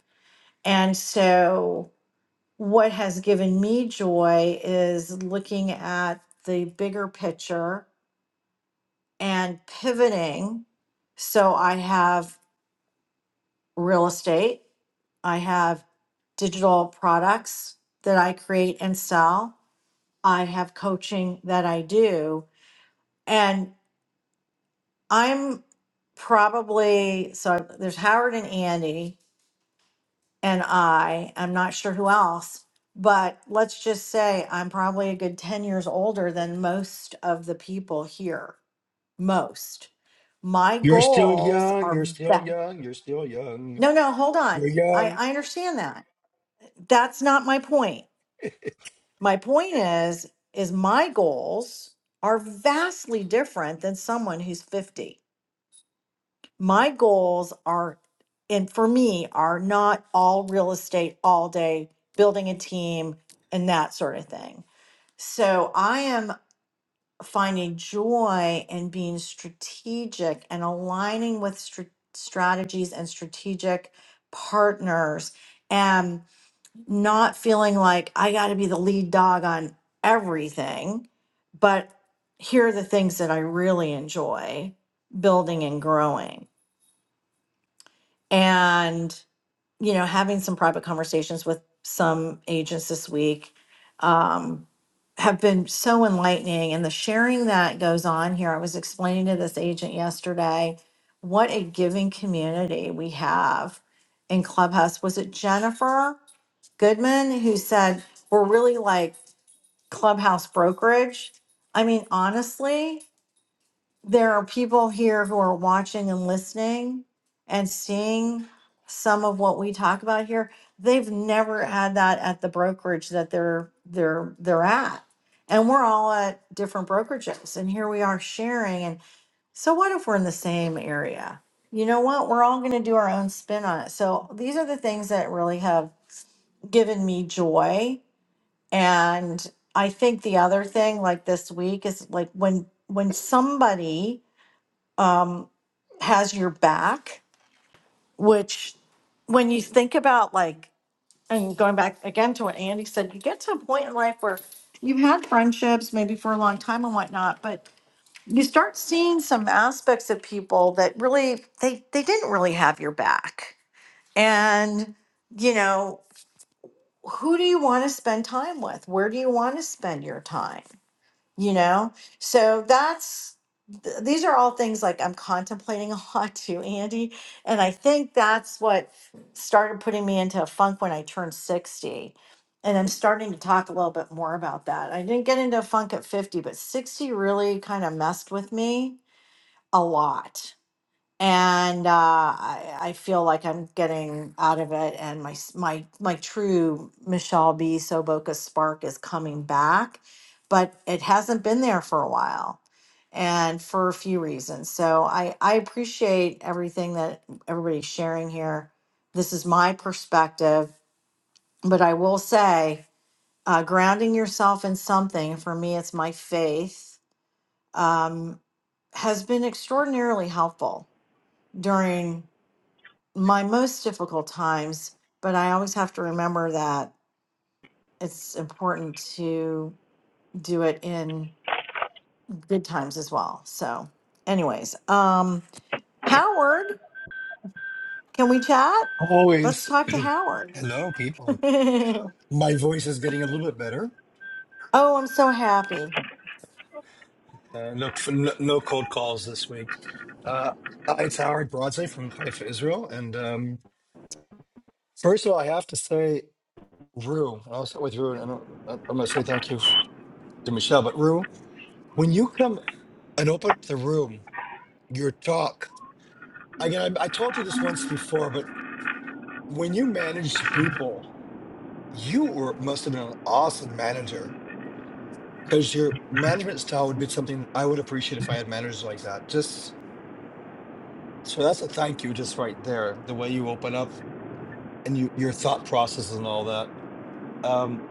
D: And so, what has given me joy is looking at the bigger picture and pivoting. So, I have real estate, I have digital products that I create and sell, I have coaching that I do. And. I'm probably so there's Howard and Andy and I. I'm not sure who else, but let's just say I'm probably a good 10 years older than most of the people here. Most. My
B: you're still
D: goals
B: young
D: are
B: you're still
D: that.
B: young you're still young
D: No, no, hold on.
B: you're
D: I,
B: young
D: I understand that. That's not my point.
B: *laughs*
D: My point is is my goals are vastly different than someone who's 50 my goals are and for me are not all real estate all day building a team and that sort of thing so i am finding joy in being strategic and aligning with str- strategies and strategic partners and not feeling like i got to be the lead dog on everything but here are the things that i really enjoy building and growing and you know having some private conversations with some agents this week um, have been so enlightening and the sharing that goes on here i was explaining to this agent yesterday what a giving community we have in clubhouse was it jennifer goodman who said we're really like clubhouse brokerage i mean honestly there are people here who are watching and listening and seeing some of what we talk about here they've never had that at the brokerage that they're they're they're at and we're all at different brokerages and here we are sharing and so what if we're in the same area you know what we're all going to do our own spin on it so these are the things that really have given me joy and i think the other thing like this week is like when when somebody um, has your back, which when you think about like, and going back again to what Andy said, you get to a point in life where you've had friendships maybe for a long time and whatnot, but you start seeing some aspects of people that really they they didn't really have your back. And you know, who do you want to spend time with? Where do you want to spend your time? you know so that's th- these are all things like i'm contemplating *laughs* a lot too andy and i think that's what started putting me into a funk when i turned 60 and i'm starting to talk a little bit more about that i didn't get into a funk at 50 but 60 really kind of messed with me a lot and uh, I, I feel like I'm getting out of it, and my s- my my true Michelle B. Soboka spark is coming back, but it hasn't been there for a while, and for a few reasons. So I I appreciate everything that everybody's sharing here. This is my perspective, but I will say, uh, grounding yourself in something for me, it's my faith, um, has been extraordinarily helpful during my most difficult times, but I always have to remember that it's important to do it in good times as well. So, anyways, um, Howard, can we chat? Let's
B: always
D: talk to Howard.
B: hello people
D: *laughs* oh,
B: my voice is getting a little bit better
D: I'm so happy.
B: Uh, no, no, no cold calls this week. Uh, hi, it's Howard Broadsley from Haifa, Israel. And um, first of all, I have to say, Rue, and I'll start with Rue, and I don't, I- I'm going to say thank you f- to Michelle. But Rue, when you come and open up the room, your talk, again, I, I told you this once before, but when you managed people, you were must have been an awesome manager because your management style would be something that I would appreciate if I had managers like that. Just so that's a thank you, just right there. The way you open up and you, your thought processes and all that. Um,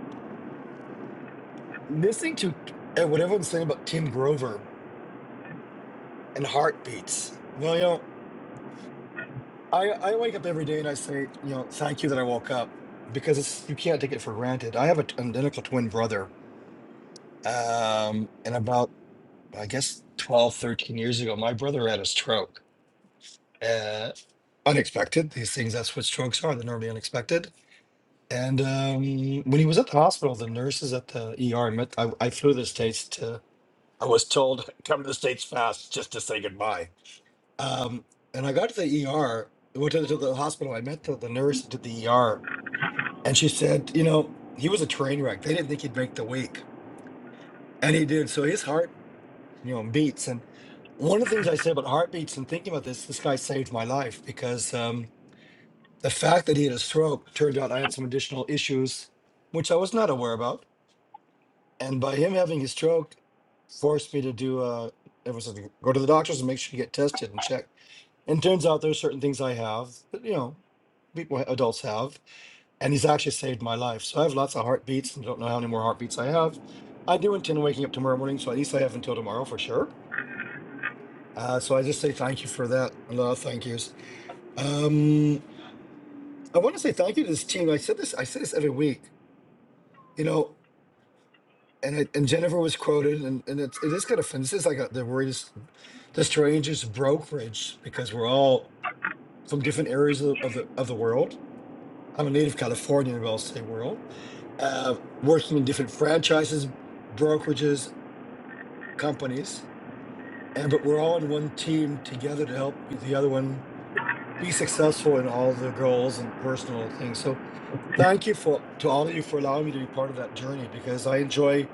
B: listening to uh, what everyone's saying about Tim Grover and heartbeats. Well, you know, I, I wake up every day and I say, you know, thank you that I woke up because it's, you can't take it for granted. I have a, t- an identical twin brother. Um, and about, I guess, 12, 13 years ago, my brother had a stroke. Uh, unexpected. These things, that's what strokes are. They're normally unexpected. And um, when he was at the hospital, the nurses at the ER, met, I, I flew to the States to. I was told *laughs* come to the states fast just to say goodbye. Um, and I got to the ER, went to the, to the hospital. I met the, the nurse who did the ER, and she said, you know, he was a train wreck. They didn't think he'd make the week, and he did. So his heart, you know, beats. And one of the things I said about heartbeats and thinking about this, this guy saved my life because um, the fact that he had a stroke turned out I had some additional issues, which I was not aware about And by him having his stroke, forced me to do uh ever since go to the doctors and make sure you get tested and checked. And turns out there's certain things I have that you know people adults have, and he's actually saved my life. So I have lots of heartbeats and don't know how many more heartbeats I have. I do intend on waking up tomorrow morning, so at least I have until tomorrow for sure. Uh, so I just say thank you for that. A lot of thank yous. Um, I want to say thank you to this team. I said this. I say this every week. You know, and I, and Jennifer was quoted, and and it's, it is kind of fun. This is like a, the worries. the strangest brokerage because we're all from different areas of, the of the of the world. I'm a native Californian, but I'll say world, uh, working in different franchises, brokerages, companies, and but we're all in one team together to help the other one be successful in all the goals and personal things. So thank you for to all of you for allowing me to be part of that journey because I enjoy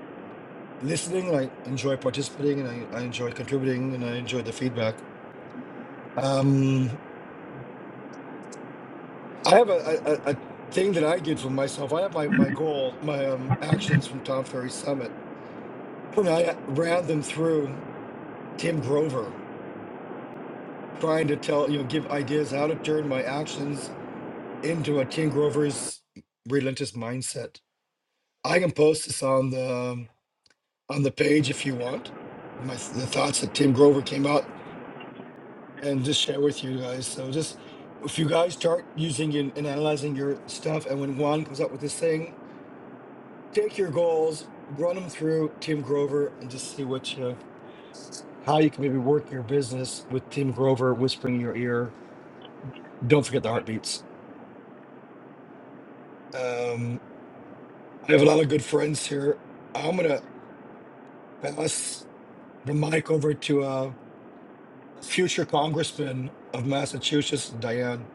B: listening and I enjoy participating and I, I enjoy contributing and I enjoy the feedback. Um, I have a, a, a a thing that I did for myself. I have my, my goal, my um, actions from Tom Ferry Summit, and I uh, ran them through Tim Grover, trying to tell, you know, give ideas how to turn my actions into a Tim Grover's relentless mindset. I can post this on the um, on the page if you want. My the thoughts that Tim Grover came out and just share with you guys. So just if you guys start using and, and analyzing your stuff, and when Juan comes up with this thing, take your goals, run them through Tim Grover, and just see what you, how you can maybe work your business with Tim Grover whispering in your ear. Don't forget the heartbeats. Um, I have a lot of good friends here. I'm gonna pass the mic over to a future congressman of Massachusetts, Diane.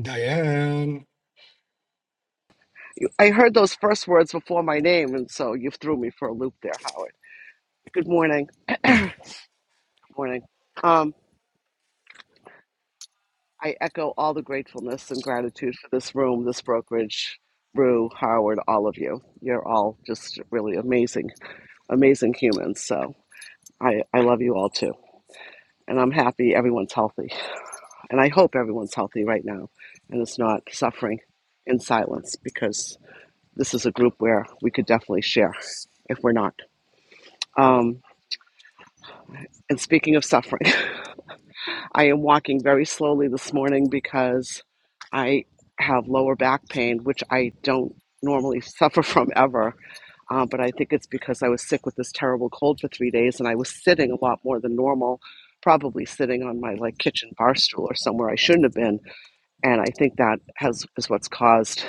B: Diane.
F: I heard those first words before my name, and so you threw me for a loop there, Howard. Good morning. *clears throat* Good morning. Um, I echo all the gratefulness and gratitude for this room, this brokerage, Rue, Howard, all of you. You're all just really amazing amazing humans. So I, I love you all too. And I'm happy everyone's healthy. And I hope everyone's healthy right now and is not suffering in silence because this is a group where we could definitely share if we're not. Um, and speaking of suffering, *laughs* I am walking very slowly this morning because I have lower back pain, which I don't normally suffer from ever. Um, but I think it's because I was sick with this terrible cold for three days and I was sitting a lot more than normal, probably sitting on my like kitchen bar stool or somewhere I shouldn't have been. And I think that has is what's caused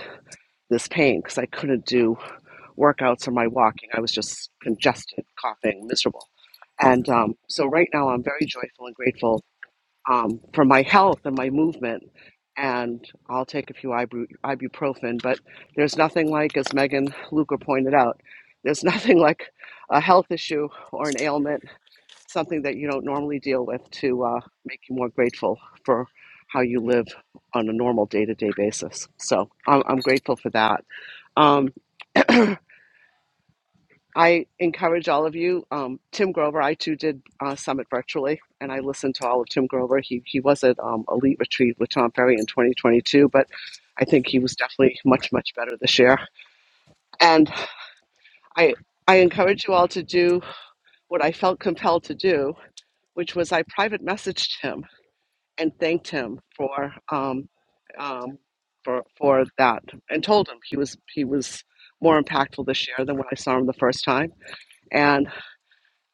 F: this pain because I couldn't do workouts or my walking. I was just congested, coughing, miserable. And um, so right now I'm very joyful and grateful um, for my health and my movement. And I'll take a few ibu- ibuprofen, but there's nothing like, as Megan Luker pointed out, there's *laughs* nothing like a health issue or an ailment, something that you don't normally deal with, to uh, make you more grateful for how you live on a normal day to day basis. So I'm, I'm grateful for that. Um, I encourage all of you. Um, Tim Grover, I too did uh, Summit virtually, and I listened to all of Tim Grover. He he was at um, Elite Retreat with Tom Ferry in 2022, but I think he was definitely much much better this year. And I I encourage you all to do what I felt compelled to do, which was I private messaged him and thanked him for um, um, for for that, and told him he was he was more impactful this year than when I saw him the first time and.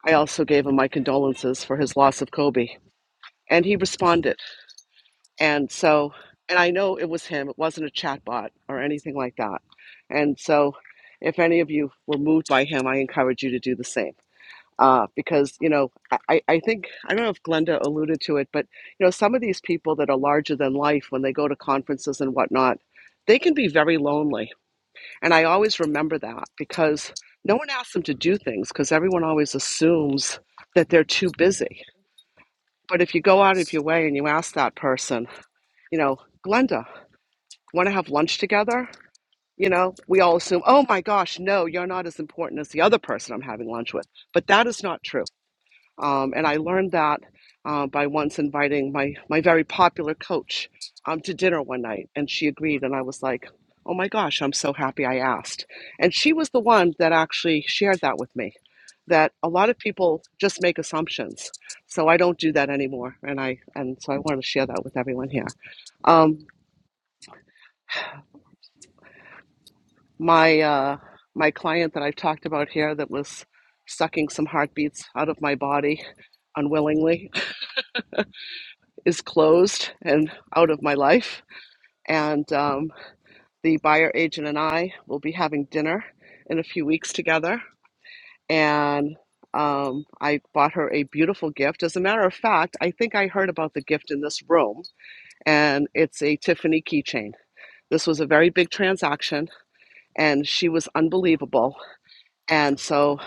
F: I also gave him my condolences for his loss of Kobe. And he responded. And so, and I know it was him, it wasn't a chatbot or anything like that. And so, if any of you were moved by him, I encourage you to do the same. Uh, because, you know, I, I I think, I don't know if Glenda alluded to it, but, you know, some of these people that are larger than life when they go to conferences and whatnot, they can be very lonely. And I always remember that because no one asks them to do things because everyone always assumes that they're too busy but if you go out of your way and you ask that person, you know, Glenda, want to have lunch together? You know, we all assume, oh my gosh, no, you're not as important as the other person I'm having lunch with. But that is not true. Um, and I learned that uh, by once inviting my, my very popular coach um, to dinner one night, and she agreed. And I was like, oh my gosh, I'm so happy I asked. And she was the one that actually shared that with me that a lot of people just make assumptions. So I don't do that anymore. And, I, and so I wanted to share that with everyone here. Um, my, uh, my client that I've talked about here that was sucking some heartbeats out of my body unwillingly is closed and out of my life. And um, the buyer agent and I will be having dinner in a few weeks together. And um, I bought her a beautiful gift. As a matter of fact, I think I heard about the gift in this room, and it's a Tiffany keychain. This was a very big transaction, and she was unbelievable. And so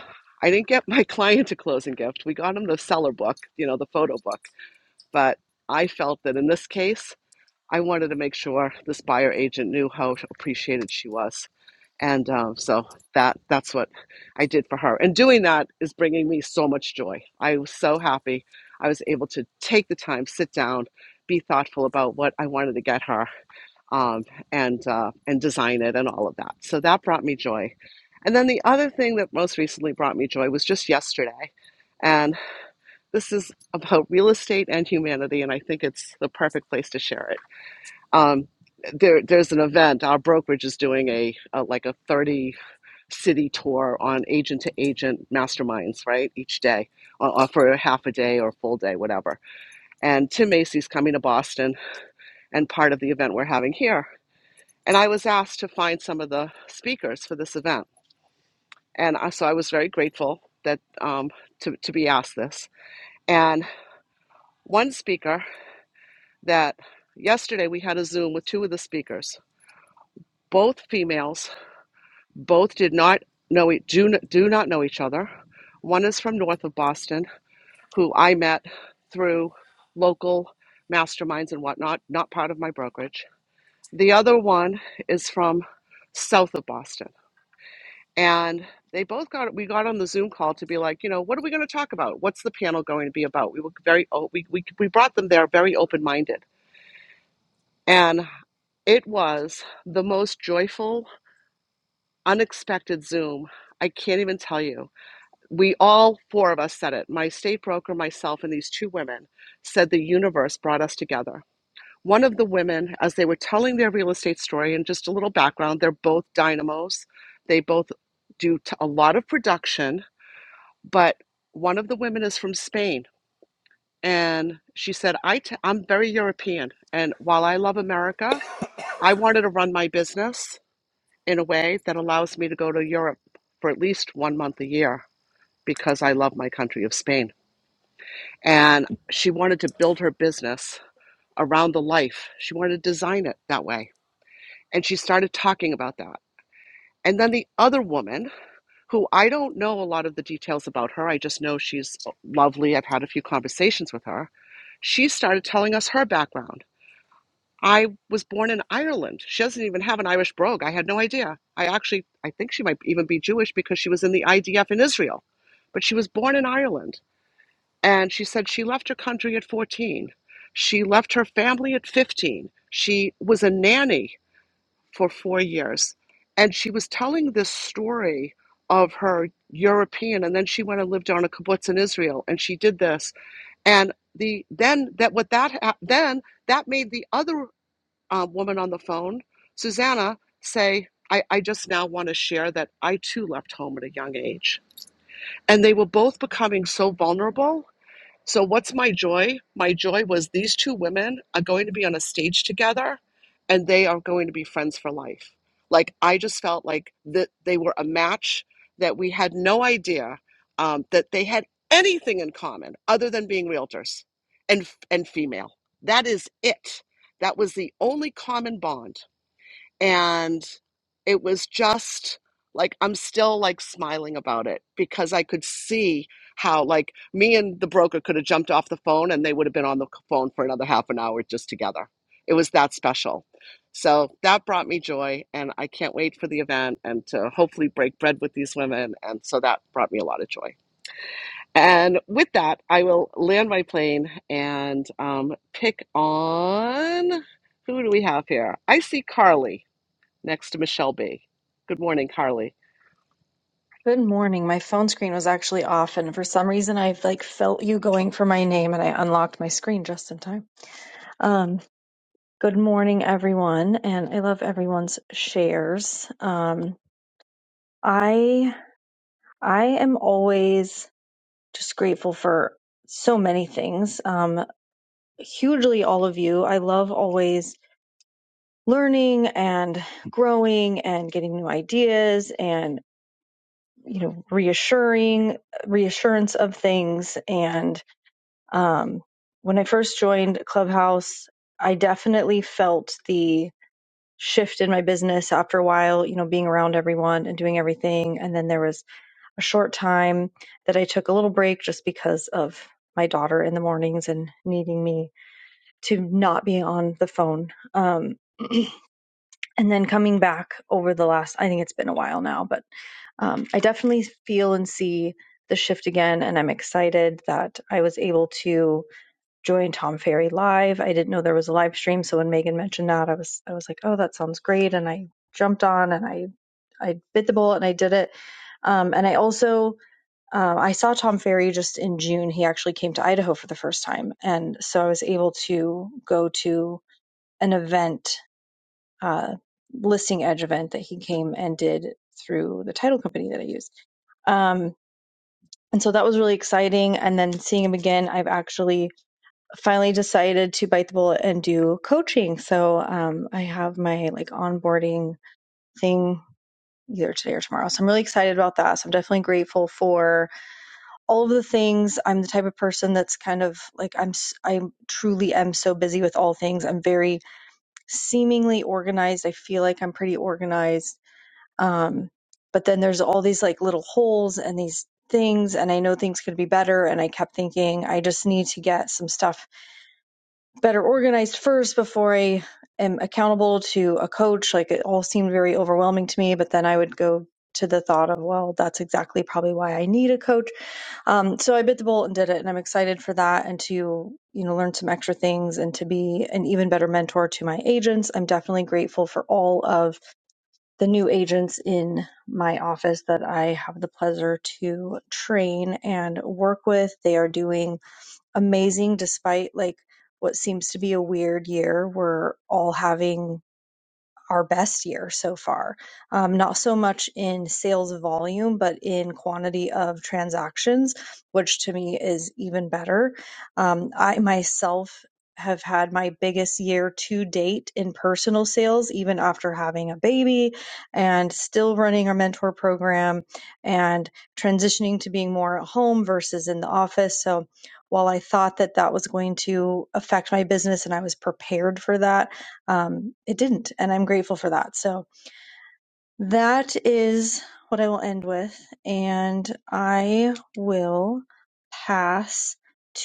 F: I didn't get my *laughs* client a closing gift. We got him the seller book, you know, the photo book. But I felt that in this case, I wanted to make sure this buyer agent knew how appreciated she was. And um, so that that's what I did for her. And doing that is bringing me so much joy. I was so happy. I was able to take the time, sit down, be thoughtful about what I wanted to get her, um, and uh, and design it and all of that. So that brought me joy. And then the other thing that most recently brought me joy was just yesterday. And this is about real estate and humanity, and I think it's the perfect place to share it um, there, there's an event. Our brokerage is doing a, a like a 30 city tour on agent to agent masterminds, right? Each day, or, or for a half a day or a full day, whatever. And Tim Macy's coming to Boston, and part of the event we're having here. And I was asked to find some of the speakers for this event, and I, so I was very grateful that um, to to be asked this. And one speaker that yesterday we had a Zoom with two of the speakers, both females Both did not know e- do do not know each other. One is from north of Boston, who I met through local masterminds and whatnot, not part of my brokerage. The other one is from south of Boston, and they both got we got on the Zoom call to be like, you know, what are we going to talk about? What's the panel going to be about? We were very we we we brought them there very open minded, and it was the most joyful, unexpected Zoom. I can't even tell you. we all four of us said it my state broker myself and these two women said the universe brought us together one of the women as they were telling their real estate story and just a little background they're both dynamos they both do t- a lot of production but one of the women is from spain and she said I t- i'm very european and while i love america i wanted to run my business in a way that allows me to go to europe for at least one month a year because i love my country of spain and she wanted to build her business around the life. She wanted to design it that way. And she started talking about that. And then the other woman, who I don't know a lot of the details about her, I just know she's lovely. I've had a few conversations with her. She started telling us her background. I was born in Ireland. She doesn't even have an Irish brogue. I had no idea. I actually, I think she might even be Jewish because she was in the IDF in Israel, but she was born in Ireland And she said she left her country at 14. She left her family at 15. She was a nanny for four years. And she was telling this story of her European, and then she went and lived on a kibbutz in Israel, and she did this. And the then that what that hap- then that made the other uh, woman on the phone, Susanna, say, I, "I just now want to share that I too left home at a young age." And they were both becoming so vulnerable so, what's my joy? My joy was these two women are going to be on a stage together and they are going to be friends for life. Like, I just felt like that they were a match that we had no idea um, that they had anything in common other than being realtors and, and female. That is it. That was the only common bond and it was just like I'm still like smiling about it because I could see how like me and the broker could have jumped off the phone and they would have been on the phone for another half an hour just together. It was that special. So that brought me joy and I can't wait for the event and to hopefully break bread with these women and so that brought me a lot of joy. And with that, I will land my plane and um, pick on who do we have here? I see Carly next to Michelle B. Good morning, Carly.
R: Good morning. My phone screen was actually off, and for some reason, I like felt you going for my name, and I unlocked my screen just in time. Um, good morning, everyone, and I love everyone's shares. Um, I I am always just grateful for so many things. Um, hugely, all of you. I love always learning and growing and getting new ideas and you know reassuring reassurance of things and Um, when I first joined Clubhouse, I definitely felt the shift in my business after a while, you know, being around everyone and doing everything. And then there was a short time that I took a little break just because of my daughter in the mornings and needing me to not be on the phone. Um, and then coming back over the last, I think it's been a while now, but um, I definitely feel and see the shift again. And I'm excited that I was able to Joy and Tom Ferry live. I didn't know there was a live stream, so when Megan mentioned that, I was I was like, oh, that sounds great, and I jumped on and I I bit the bullet and I did it. Um, and I also uh, I saw Tom Ferry just in June. He actually came to Idaho for the first time, and so I was able to go to an event, uh, listing edge event that he came and did through the title company that I use. Um, and so that was really exciting. And then seeing him again, I've actually finally decided to bite the bullet and do coaching. So um, I have my like onboarding thing either today or tomorrow. So I'm really excited about that. So I'm definitely grateful for all of the things. I'm the type of person that's kind of like I'm s- i am I truly am so busy with all things. I'm very seemingly organized. I feel like I'm pretty organized. Um but then there's all these like little holes and these things and I know things could be better and I kept thinking I just need to get some stuff better organized first before I am accountable to a coach. Like it all seemed very overwhelming to me, but then I would go to the thought of, well, that's exactly probably why I need a coach. Um, so I bit the bullet and did it, and I'm excited for that and to you know learn some extra things and to be an even better mentor to my agents. I'm definitely grateful for all of the new agents in my office that I have the pleasure to train and work with. They are doing amazing despite like what seems to be a weird year. We're all having our best year so far. Um, not so much in sales volume, but in quantity of transactions, which to me is even better. Um, I myself have had my biggest year to date in personal sales, even after having a baby and still running our mentor program and transitioning to being more at home versus in the office. So while I thought that that was going to affect my business and I was prepared for that, um, it didn't. And I'm grateful for that. So that is what I will end with. And I will pass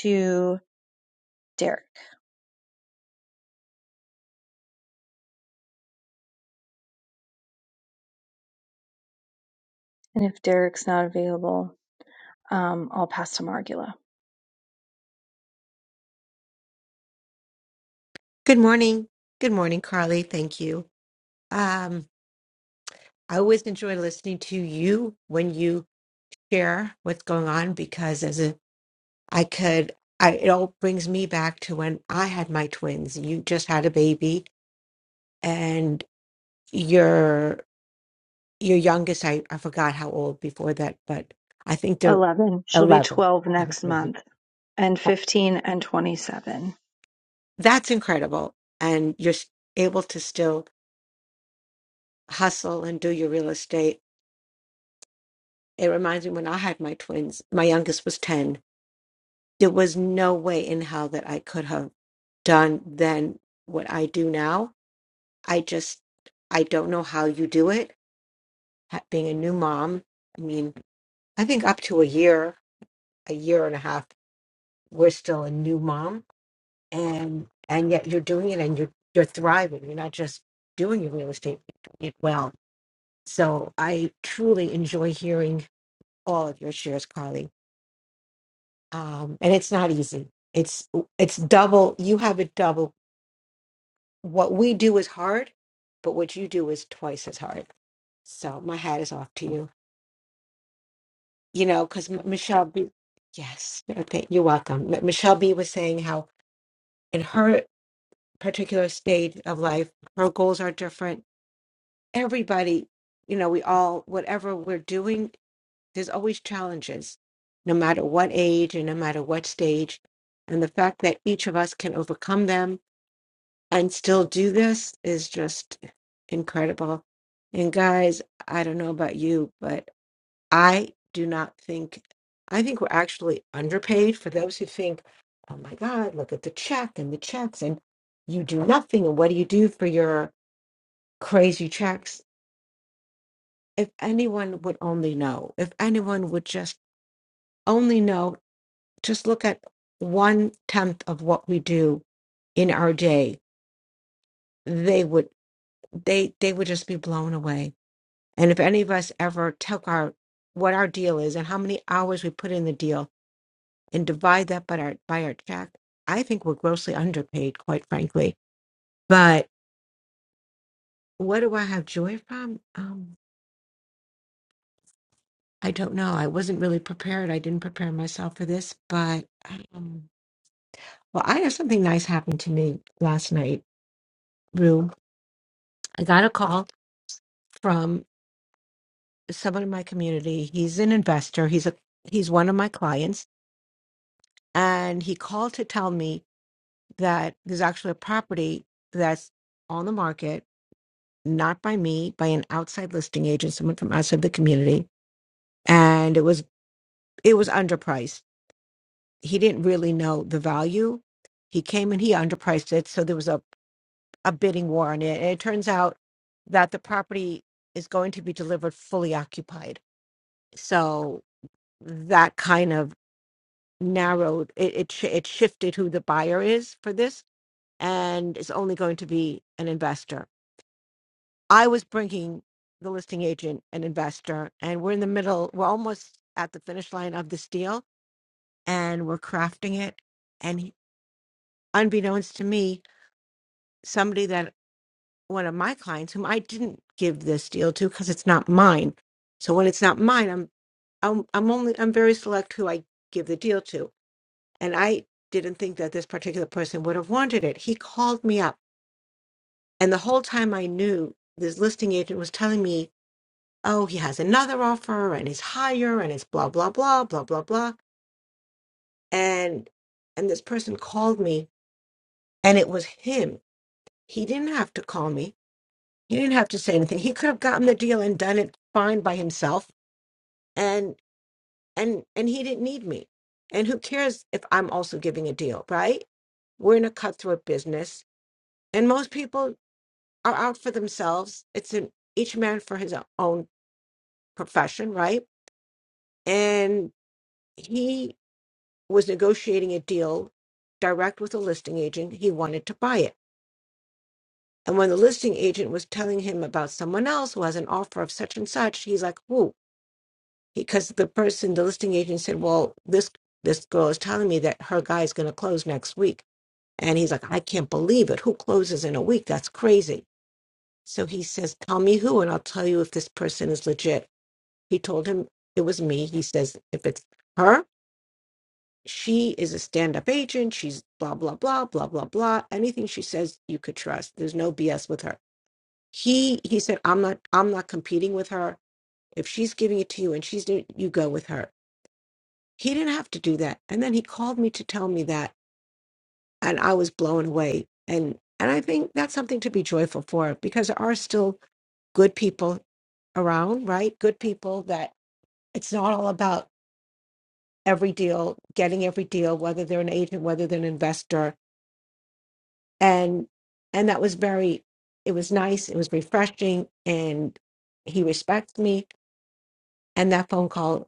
R: to Derek. And if Derek's not available, um, I'll pass to Margula.
S: Good morning. Good morning, Carly. Thank you. Um, I always enjoy listening to you when you share what's going on because as a I could I it all brings me back to when I had my twins. You just had a baby and your your youngest I, I forgot how old before that, but I think they're
R: 11. She'll be
S: eleven.
R: 12 next month, and 15 and 27.
S: *laughs* That's incredible. And you're s- able to still hustle and do your real estate It reminds me when I had my twins, my youngest was 10. There was no way in hell that I could have done then what I do now. I just, I don't know how you do it. Ha- Being a new mom, I mean, I think up to a year, a year and a half, we're still a new mom, and and yet you're doing it and you're you're thriving. You're not just doing your real estate you're doing it well. So I truly enjoy hearing all of your shares, Carly. um, and it's not easy. It's it's double. You have it double. What we do is hard, but what you do is twice as hard. So my hat is off to you. You know, because Michelle B. Yes, okay, you're welcome. M- Michelle B. was saying how in her particular stage of life, her goals are different. Everybody, you know, we all whatever we're doing, there's always challenges, no matter what age and no matter what stage. And the fact that each of us can overcome them and still do this is just incredible. And guys, I don't know about you, but I do not think, I think we're actually underpaid for those who think, oh my God, look at the check and the checks, and you do nothing. And what do you do for your crazy checks? If anyone would only know, if anyone would just only know, just look at one tenth of what we do in our day, they would they they would just be blown away And if any of us ever took our what our deal is and how many hours we put in the deal and divide that by our by our check, I think we're grossly underpaid, quite frankly. But what do I have joy from? Um, I don't know. I wasn't really prepared. I didn't prepare myself for this, but um, well, I have something nice happened to me last night, Rue. I got a call from someone in my community. He's an investor. He's a he's one of my clients, and he called to tell me that there's actually a property that's on the market, not by me, by an outside listing agent, someone from outside the community, and it was it was underpriced. He didn't really know the value. He came and he underpriced it, so there was a a bidding war on it. And it turns out that the property is going to be delivered fully occupied. So that kind of narrowed it. It, sh- it shifted who the buyer is for this, and it's only going to be an investor I was bringing the listing agent an investor, and we're in the middle. We're almost at the finish line of this deal, and we're crafting it. And he- unbeknownst to me, somebody that one of my clients, whom I didn't give this deal to because it's not mine. So when it's not mine, I'm I'm I'm only I'm very select who I give the deal to. And I didn't think that this particular person would have wanted it. He called me up, and the whole time I knew this listing agent was telling me oh, he has another offer and it's higher and it's blah, blah, blah, blah, blah, blah. And and this person called me and it was him. He didn't have to call me. He didn't have to say anything. He could have gotten the deal and done it fine by himself. And and and he didn't need me. And who cares if I'm also giving a deal, right? We're in a cutthroat business. And most people are out for themselves. It's an each man for his own profession, right? And he was negotiating a deal direct with a listing agent. He wanted to buy it. And when the listing agent was telling him about someone else who has an offer of such and such, he's like, whoa, because the person, the listing agent said, well, this, this girl is telling me that her guy is going to close next week. And he's like, I can't believe it. Who closes in a week? That's crazy. So he says, tell me who, and I'll tell you if this person is legit. He told him it was me. He says, if it's her, she is a stand-up agent she's blah blah blah blah blah blah anything she says you could trust there's no bs with her he he said i'm not i'm not competing with her if she's giving it to you and she's doing you go with her he didn't have to do that and then he called me to tell me that and i was blown away and and i think that's something to be joyful for because there are still good people around right good people that it's not all about every deal getting every deal whether they're an agent whether they're an investor and and that was very it was nice it was refreshing and he respects me and that phone call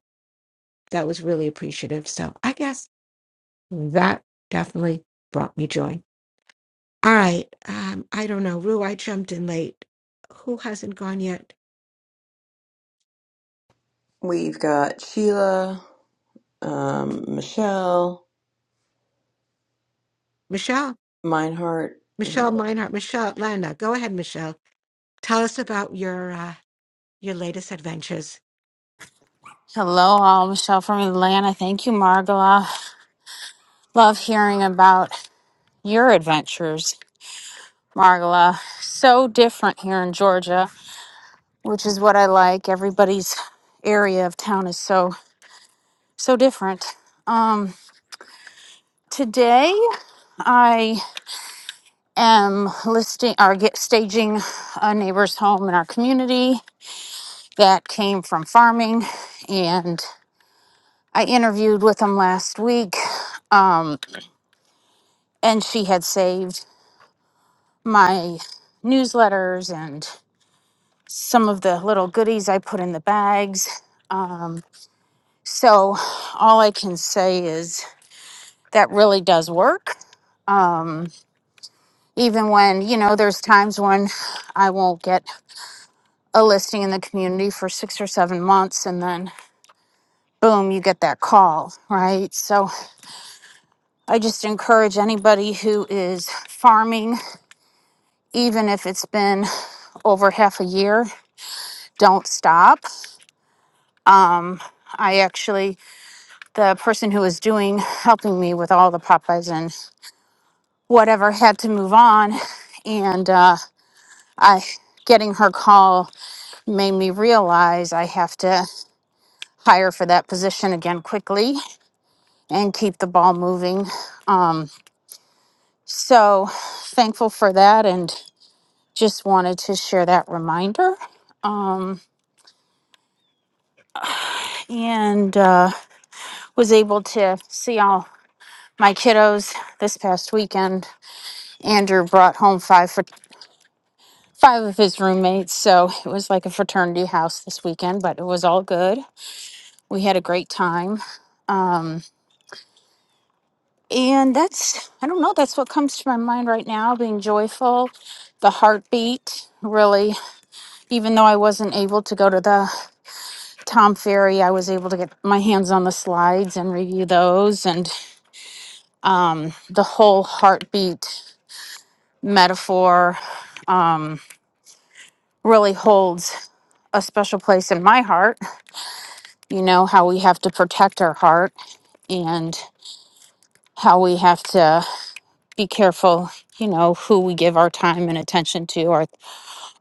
S: that was really appreciative so i guess that definitely brought me joy all right um i don't know rue i jumped in late who hasn't gone yet
A: We've got Sheila, um, Michelle,
S: michelle
A: Meinhardt. and
S: michelle meinhardt michelle atlanta go ahead michelle tell us about your uh your latest adventures
M: Hello, all. Michelle from Atlanta. Thank you, Margola. Love hearing about your adventures, Margola. So different here in Georgia, which is what I like. Everybody's area of town is so so different. Um, today, I. am listing or get staging a neighbor's home in our community that came from farming and i interviewed with them last week um, and she had saved my newsletters and some of the little goodies i put in the bags um, so all i can say is that really does work um, even when you know there's times when i won't get a listing in the community for six or seven months and then boom you get that call right so i just encourage anybody who is farming even if it's been over half a year don't stop um I actually, the person who was doing, helping me with all the Popeyes and whatever had to move on. And uh, I, getting her call made me realize I have to hire for that position again quickly and keep the ball moving. Um, so thankful for that and just wanted to share that reminder. Um, and uh, was able to see all my kiddos this past weekend. Andrew brought home five for five of his roommates, so it was like a fraternity house this weekend, but it was all good. We had a great time. Um, and that's, I don't know, that's what comes to my mind right now being joyful, the heartbeat really even though I wasn't able to go to the Tom Ferry, I was able to get my hands on the slides and review those and um, the whole heartbeat metaphor um, really holds a special place in my heart. You know, how we have to protect our heart and how we have to be careful, you know, who we give our time and attention to, our,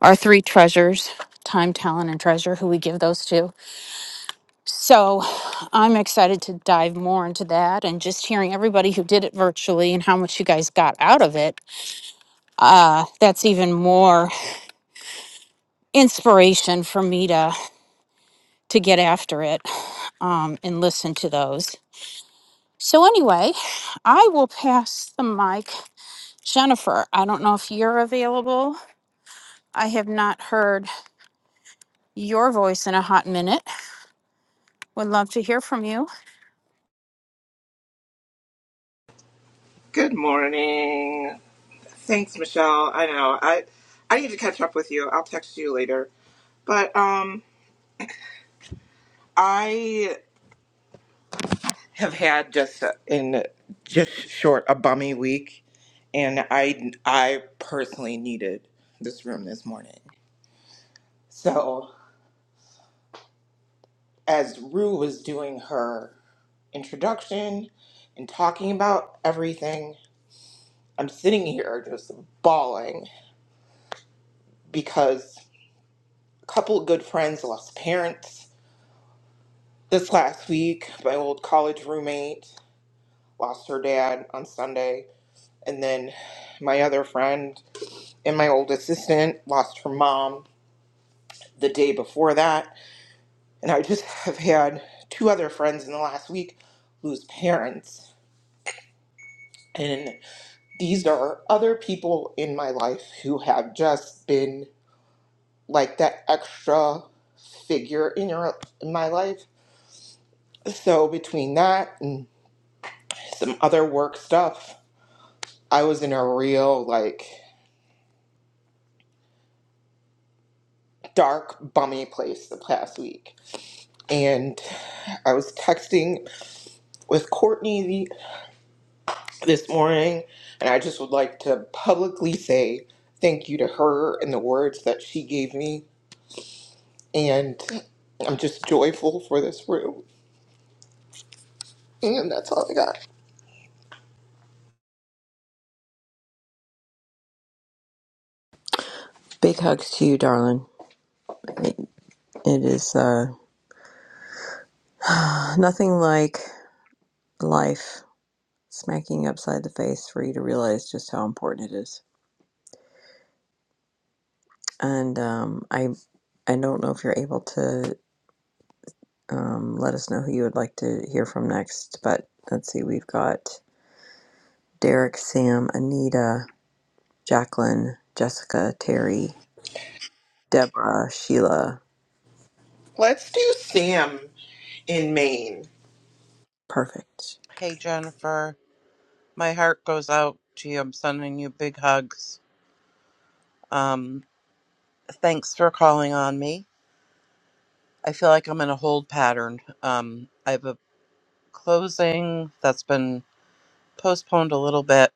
M: our three treasures time, talent, and treasure, who we give those to So I'm excited to dive more into that and just hearing everybody who did it virtually and how much you guys got out of it. Uh, that's even more inspiration for me to to get after it um, and listen to those. So anyway, I will pass the mic. Jennifer, I don't know if you're available. I have not heard your voice in a hot minute. Would love to hear from you.
T: Good morning. Thanks, Michelle. I know. I I need to catch up with you. I'll text you later. But um I have had just a- in just short a bummy week and I I personally needed this room this morning. So, as Rue was doing her introduction and talking about everything, I'm sitting here just bawling because a couple of good friends lost parents This last week, my old college roommate lost her dad on Sunday, and then my other friend and my old assistant lost her mom the day before that. And I just *laughs* have had two other friends in the last week lose parents. And these are other people in my life who have just been like that extra figure in your in my life. So between that and some other work stuff, I was in a real like dark bummy place the past week. And I was texting with Courtney this morning and I just would like to publicly say thank you to her and the words that she gave me and I'm just joyful for this room. And that's all I got.
A: Big hugs to you, darling. It, it is uh, *sighs* nothing like life smacking you upside the face for you to realize just how important it is. And um, I I don't know if you're able to um, let us know who you would like to hear from next, but let's see, we've got Derek, Sam, Anita, Jacqueline, Jessica, Terry, Deborah, Sheila.
T: Let's do Sam in Maine.
A: Perfect.
U: Hey Jennifer, my heart goes out to you. I'm sending you big hugs. Um, thanks for calling on me. I feel like I'm in a hold pattern. Um, I have a closing that's been postponed a little bit,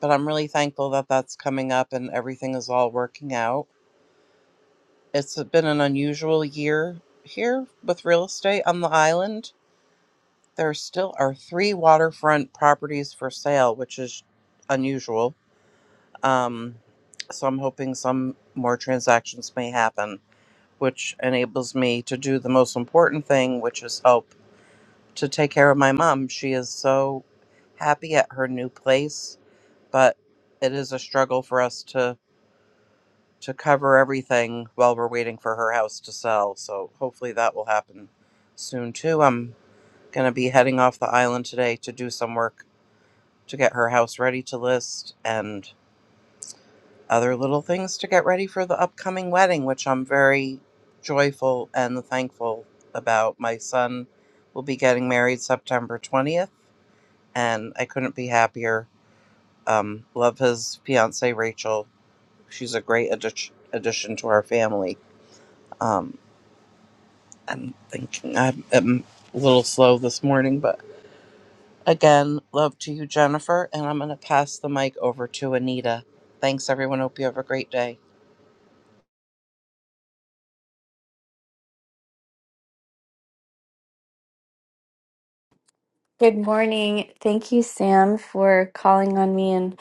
U: but I'm really thankful that that's coming up and everything is all working out. It's been an unusual year here with real estate on the island. There still are three waterfront properties for sale, which is unusual Um, so I'm hoping some more transactions may happen, which enables me to do the most important thing, which is help to take care of my mom. She is so happy at her new place, but it is a struggle for us to to cover everything while we're waiting for her house to sell. So hopefully that will happen soon too. I'm going to be heading off the island today to do some work to get her house ready to list and other little things to get ready for the upcoming wedding, which I'm very joyful and thankful about. My son will be getting married September 20th, and I couldn't be happier. Um, love his fiance, Rachel. She's a great addi- addition to our family. Um, I'm thinking I'm, I'm a little slow this morning, but again, love to you, Jennifer. And I'm going to pass the mic over to Anita. Thanks, everyone. Hope you have a great day.
V: Good morning. Thank you, Sam, for calling on me. And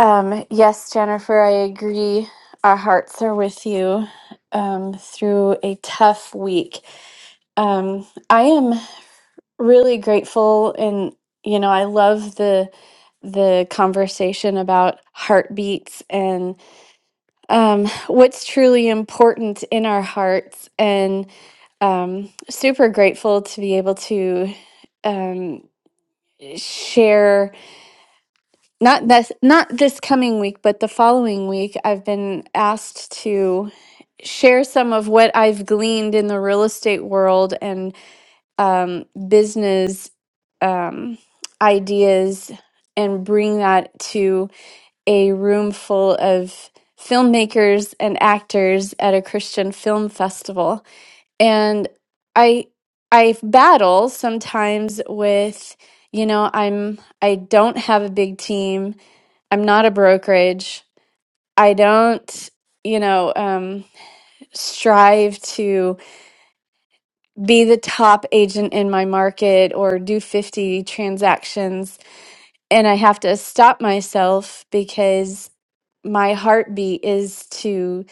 V: um, yes, Jennifer, I agree. Our hearts are with you um, through a tough week. Um, I am really grateful, and you know, I love the the conversation about heartbeats and um, what's truly important in our hearts, and um, super grateful to be able to um, share. Not this not this coming week, but the following week I've been asked to share some of what I've gleaned in the real estate world and um, business um, ideas and bring that to a room full of filmmakers and actors at a Christian film festival. And I I battle sometimes with, you know, I'm I don't have a big team I'm not a brokerage. I don't, you know, um, strive to be the top agent in my market or do 50 transactions. And I have to stop myself because my heartbeat is to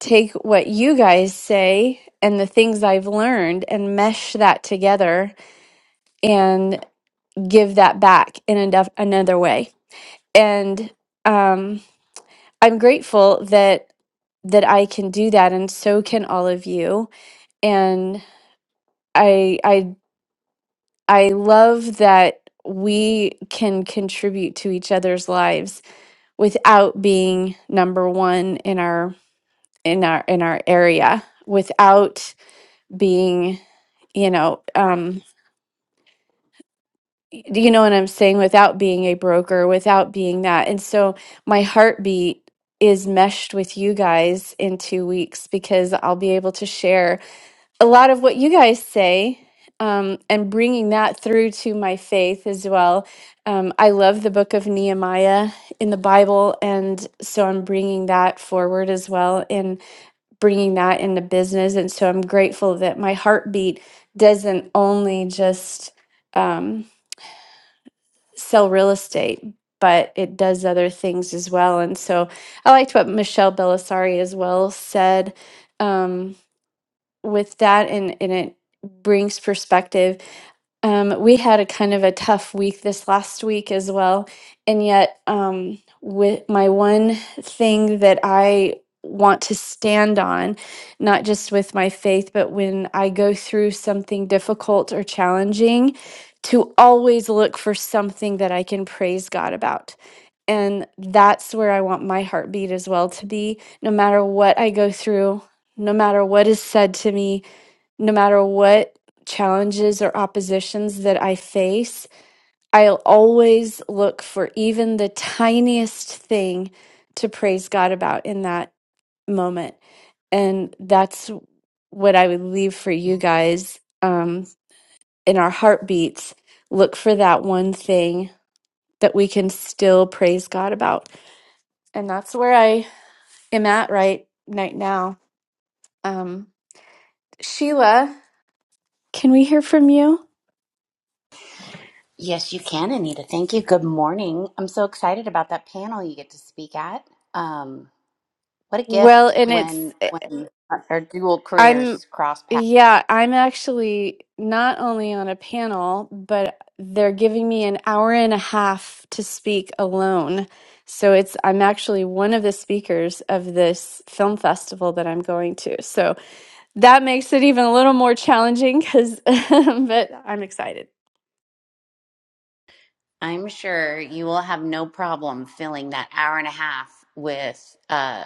V: take what you guys say and the things I've learned and mesh that together and give that back in a another way. And um, I'm grateful that that I can do that and so can all of you and I I I love that we can contribute to each other's lives without being number 1 in our in our in our area without being you know um y- you know what I'm saying without being a broker without being that and so my heartbeat is meshed with you guys in 2 weeks because I'll be able to share a lot of what you guys say um, and bringing that through to my faith as well. Um, I love the book of Nehemiah in the Bible, and so I'm bringing that forward as well and bringing that into business. And so I'm grateful that my heartbeat doesn't only just um, sell real estate. But it does other things as well. And so I liked what Michelle Belisari as well said. Um, with that and, and it brings perspective. Um, we had a kind of a tough week this last week as well. And yet, um, with my one thing that I want to stand on, not just with my faith, but when I go through something difficult or challenging, to always look for something that I can praise God about. And that's where I want my heartbeat as well to be. No matter what I go through, no matter what is said to me, no matter what challenges or oppositions that I face, I'll always look for even the tiniest thing to praise God about in that moment. And that's what I would leave for you guys um, in our heartbeats. Look for that one thing that we can still praise God about. And that's where I am at right, right now. Um, Sheila, can we hear from you?
C: Yes, you can, Anita. Thank you. Good morning. I'm so excited about that panel you get to speak at. Um, what a
V: Well,
C: gift
V: and it's
C: when when our dual
V: I'm,
C: careers cross
V: yeah, I'm actually not only on a panel, but they're giving me an hour and a half to speak alone. So it's, I'm actually one of the speakers of this film festival that I'm going to. So that makes it even a little more challenging because, *laughs* but I'm excited.
C: I'm sure you will have no problem filling that hour and a half with uh,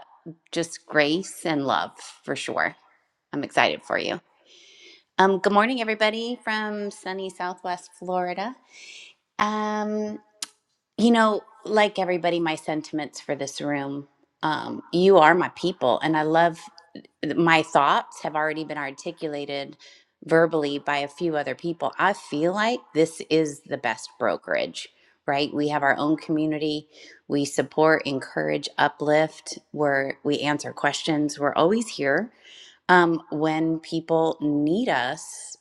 C: just grace and love for sure. I'm excited for you. Um, good morning, everybody from sunny Southwest Florida. Um, you know, like everybody, my sentiments for this room. Um, you are my people, and I love my thoughts have already been articulated verbally by a few other people. I feel like this is the best brokerage, right? We have our own community. We support, encourage, uplift. Where we answer questions. We're always here um, when people need us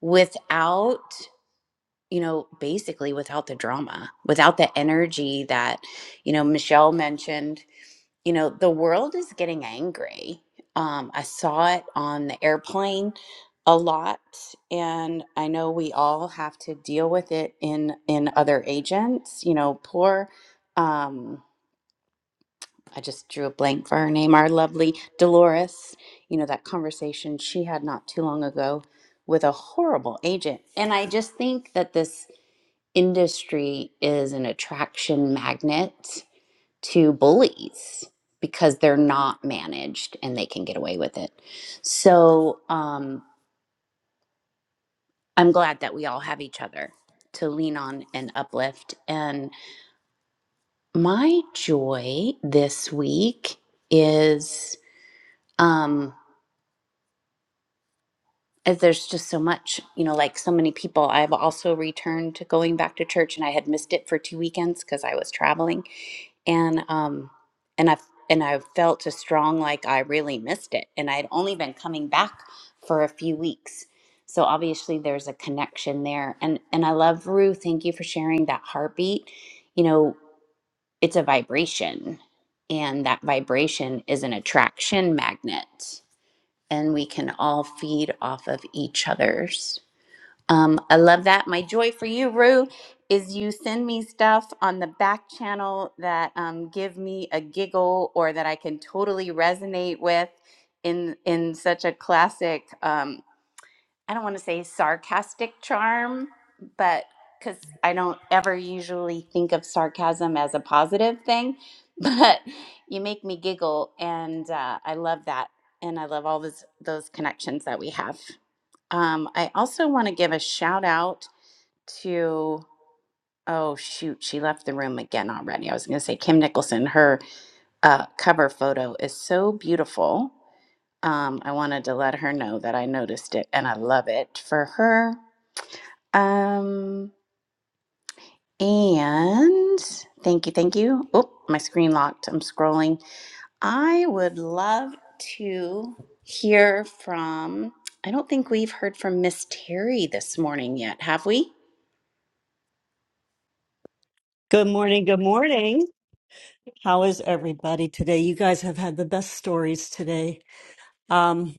C: without you know, basically without the drama, without the energy that, you know, Michelle mentioned, you know, the world is getting angry. Um, I saw it on the airplane a lot, and I know we all have to deal with it in in other agents. You know, poor. Um, I just drew a blank for her name. Our lovely Dolores. You know that conversation she had not too long ago with a horrible agent, and I just think that this industry is an attraction magnet to bullies because they're not managed and they can get away with it. So um, I'm glad that we all have each other to lean on and uplift. And my joy this week is. Um, as there's just so much, you know, like so many people. I've also returned to going back to church and I had missed it for two weekends because I was traveling and um and i and i felt a strong like i really missed it and i had only been coming back for a few weeks so obviously there's a connection there and and i love rue thank you for sharing that heartbeat you know it's a vibration and that vibration is an attraction magnet and we can all feed off of each other's um, I love that. My joy for you, Rue, is you send me stuff on the back channel that um, give me a giggle or that I can totally resonate with in in such a classic. Um, I don't want to say sarcastic charm, but because I don't ever usually think of sarcasm as a positive thing, *laughs* but you make me giggle, and uh, I love that, and I love all those those connections that we have. Um, I also want to give a shout out to, oh shoot, she left the room again already. I was going to say Kim Nicholson. Her uh, cover photo is so beautiful. Um, I wanted to let her know that I noticed it and I love it for her. Um, and thank you, thank you. Oh, my screen locked. I'm scrolling. I would love to hear from, I don't think we've heard from Miss Terry this morning yet, have we?
I: Good morning. Good morning. How is everybody today? You guys have had the best stories today. Um,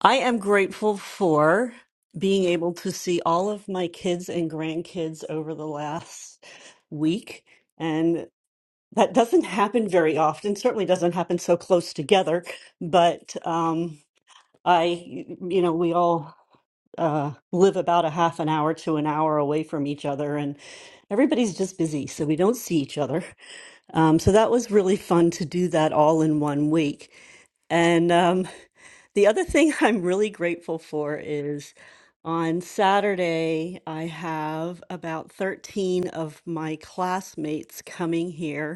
I: I am grateful for being able to see all of my kids and grandkids over the last week. That doesn't happen very often, certainly doesn't happen so close together, but um, I, you know, we all uh, live about a half an hour to an hour away from each other, and everybody's just busy, so we don't see each other. Um, so that was really fun to do that all in one week. And um, the other thing *laughs* I'm really grateful for is on Saturday, I have about 13 of my classmates coming here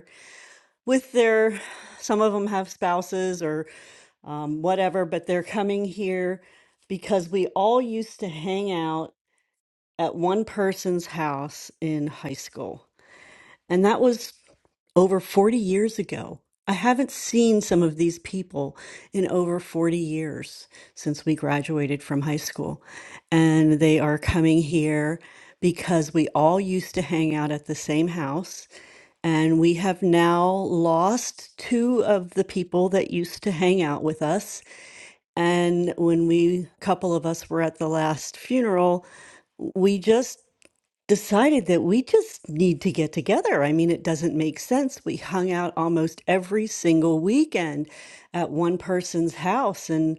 I: with their some of them have spouses or um, whatever but they're coming here because we all used to hang out at one person's house in high school and that was over 40 years ago i haven't seen some of these people in over 40 years since we graduated from high school and they are coming here because we all used to hang out at the same house and we have now lost two of the people that used to hang out with us. And when we, a couple of us were at the last funeral, we just decided that we just need to get together. I mean, it doesn't make sense. We hung out almost every single weekend at one person's house and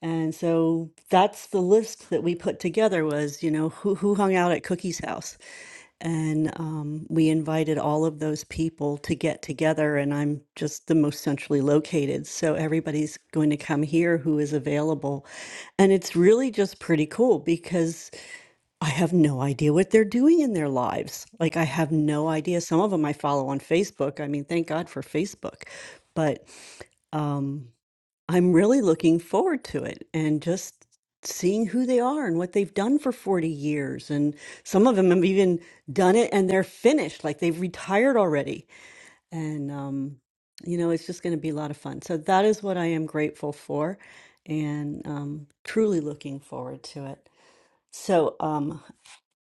I: and so that's the list that we put together was, you know, who who hung out at Cookie's house. And um, we invited all of those people to get together, and I'm just the most centrally located. So everybody's going to come here who is available. And it's really just pretty cool because I have no idea what they're doing in their lives. Like, I have no idea. Some of them I follow on Facebook. I mean, thank God for Facebook. But um, I'm really looking forward to it and just seeing who they are and what they've done for 40 years. And some of them have even done it and they're finished, like they've retired already. And, um, you know, it's just going to be a lot of fun. So that is what I am grateful for and um, truly looking forward to it. So um,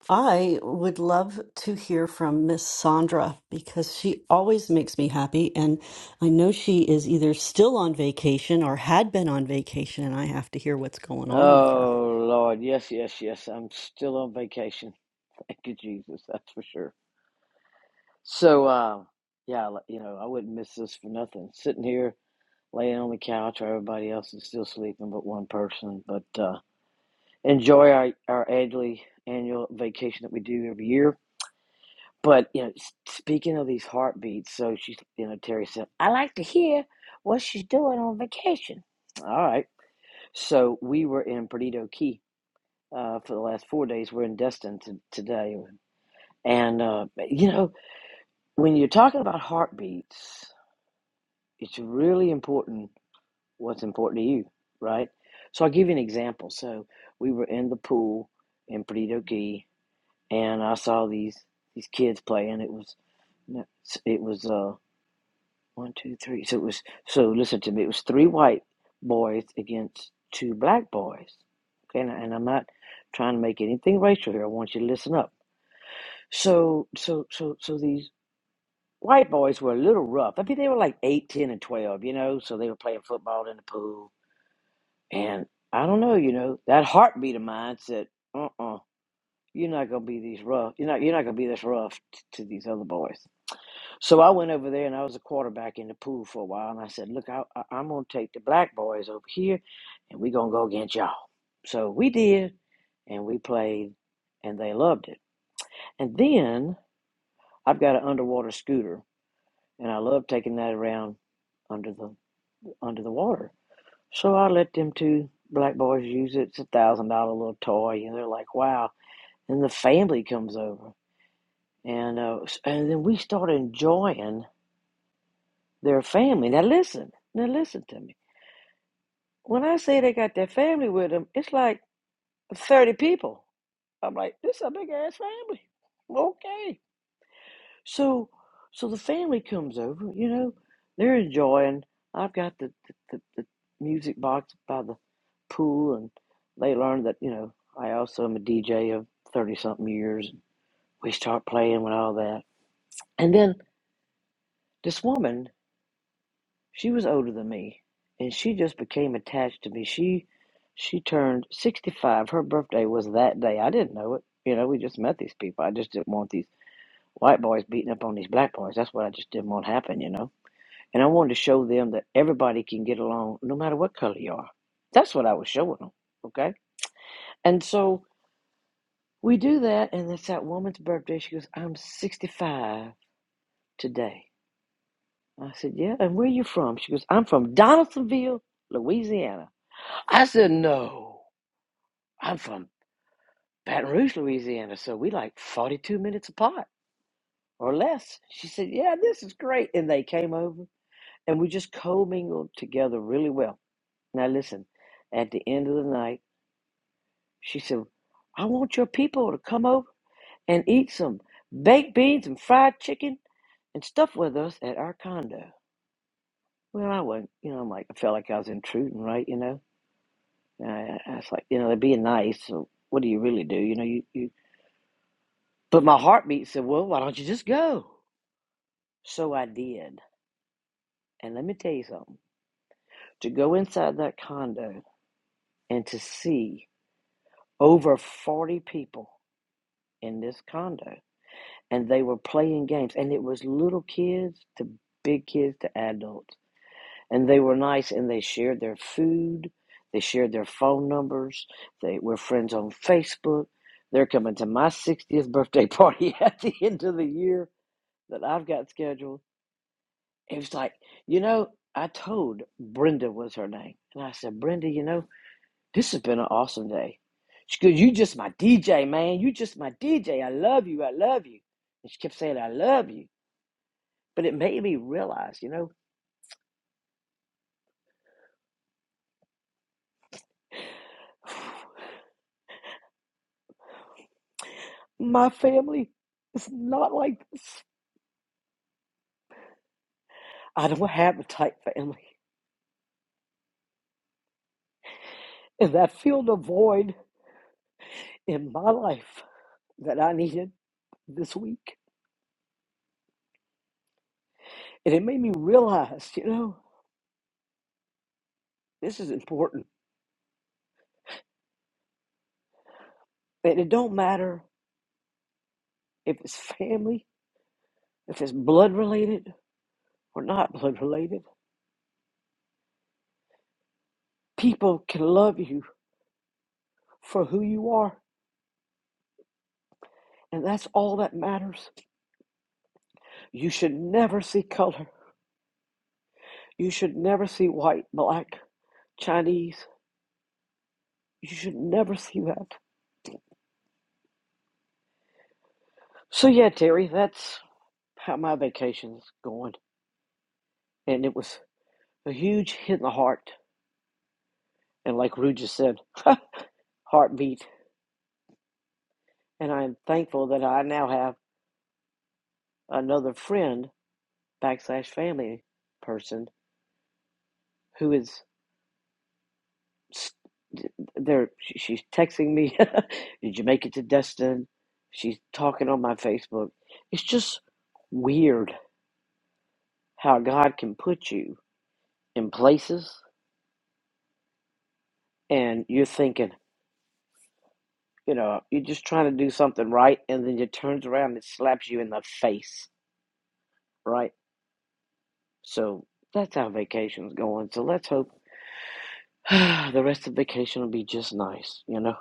I: I would love to hear from Miss Sandra because she always makes me happy. And I know she is either still on vacation or had been on vacation, and I have to hear what's going on with her.
W: Oh, Lord. Yes, yes, yes. I'm still on vacation. *laughs* Thank you, Jesus. That's for sure. So, um, yeah, l- you know, I wouldn't miss this for nothing. Sitting here, laying on the couch where everybody else is still sleeping but one person. But uh, enjoy our, our annually annual vacation that we do every year. But, you know, s- speaking of these heartbeats, so she's, you know, Terry said, I like to hear what she's doing on vacation. All right. So we were in Perdido Key uh, for the last four days. We're in Destin to, today. And, uh, you know, when you're talking about heartbeats, it's really important what's important to you, right? So I'll give you an example. So we were in the pool in Perdido Key, and I saw these these kids playing. It was it was uh one two three. So it was so listen to me. It was three white boys against two black boys. Okay, and, and I'm not trying to make anything racial here. I want you to listen up So so so so these white boys were a little rough. I mean they were like eight, ten, and twelve, you know, so they were playing football in the pool. And I don't know, you know, that heartbeat of mine said, uh uh, you're not gonna be these rough you're not you're not gonna be this rough t- to these other boys. So I went over there and I was a quarterback in the pool for a while and I said, Look, I, I I'm gonna take the black boys over here and we're gonna go against y'all. So we did and we played and they loved it. And then I've got an underwater scooter and I love taking that around under the under the water. So I let them two black boys use it. It's a thousand dollar little toy, and they're like, "Wow!" And the family comes over, and uh, and then we start enjoying their family. Now listen, now listen to me. When I say they got their family with them, it's like thirty people. I'm like, this is a big ass family. Okay. So, so the family comes over. You know, they're enjoying. I've got the the, the, the music box by the pool, and they learn that you know I also am a DJ of thirty something years. We start playing with all that, and then this woman, she was older than me, and she just became attached to me. She she turned sixty five. Her birthday was that day. I didn't know it. You know, we just met these people. I just didn't want these white boys beating up on these black boys. That's what I just didn't want happen. You know. And I wanted to show them that everybody can get along no matter what color you are. That's what I was showing them. Okay. And so we do that. And it's that woman's birthday. She goes, I'm 65 today. I said, Yeah. And where are you from? She goes, I'm from Donaldsonville, Louisiana. I said, No, I'm from Baton Rouge, Louisiana. So we like 42 minutes apart or less. She said, Yeah, this is great. And they came over and we just co mingled together really well. Now, listen, at the end of the night, She said, I want your people to come over and eat some baked beans and fried chicken and stuff with us at our condo. Well, I wasn't, you know, I'm like, I felt like I was intruding, right? You know, and I, I was like, you know, they're being nice. So what do you really do? You know, you, you, but my heartbeat said, well, why don't you just go? So I did. And let me tell you something to go inside that condo and to see over 40 people in this condo and they were playing games and it was little kids to big kids to adults and they were nice and they shared their food they shared their phone numbers they were friends on facebook they're coming to my 60th birthday *laughs* party at the end of the year that i've got scheduled it was like you know i told brenda was her name and i said brenda you know this has been an awesome day she goes you just my dj man you just my dj i love you i love you and she kept saying i love you but it made me realize, you know, *sighs* my family is not like this. I don't have a tight family. And that filled a void in my life that I needed this week. And it made me realize, you know, this is important. And it don't matter if it's family, if it's blood related or not blood related. People can love you for who you are. And that's all that matters. You should never see color. You should never see white, black. Chinese. You should never see that. So yeah, Terry, that's how my vacation's going. And it was a huge hit in the heart. And like Rue just said, *laughs* heartbeat. And I'm thankful that I now have another friend, backslash family person, who is there. She's texting me, *laughs* Did you make it to Destin? She's talking on my Facebook. It's just weird how God can put you in places and you're thinking, you know, you're just trying to do something right, and then it turns around and slaps you in the face, right? So that's how vacation's going. So let's hope *sighs* the rest of vacation will be just nice, you know.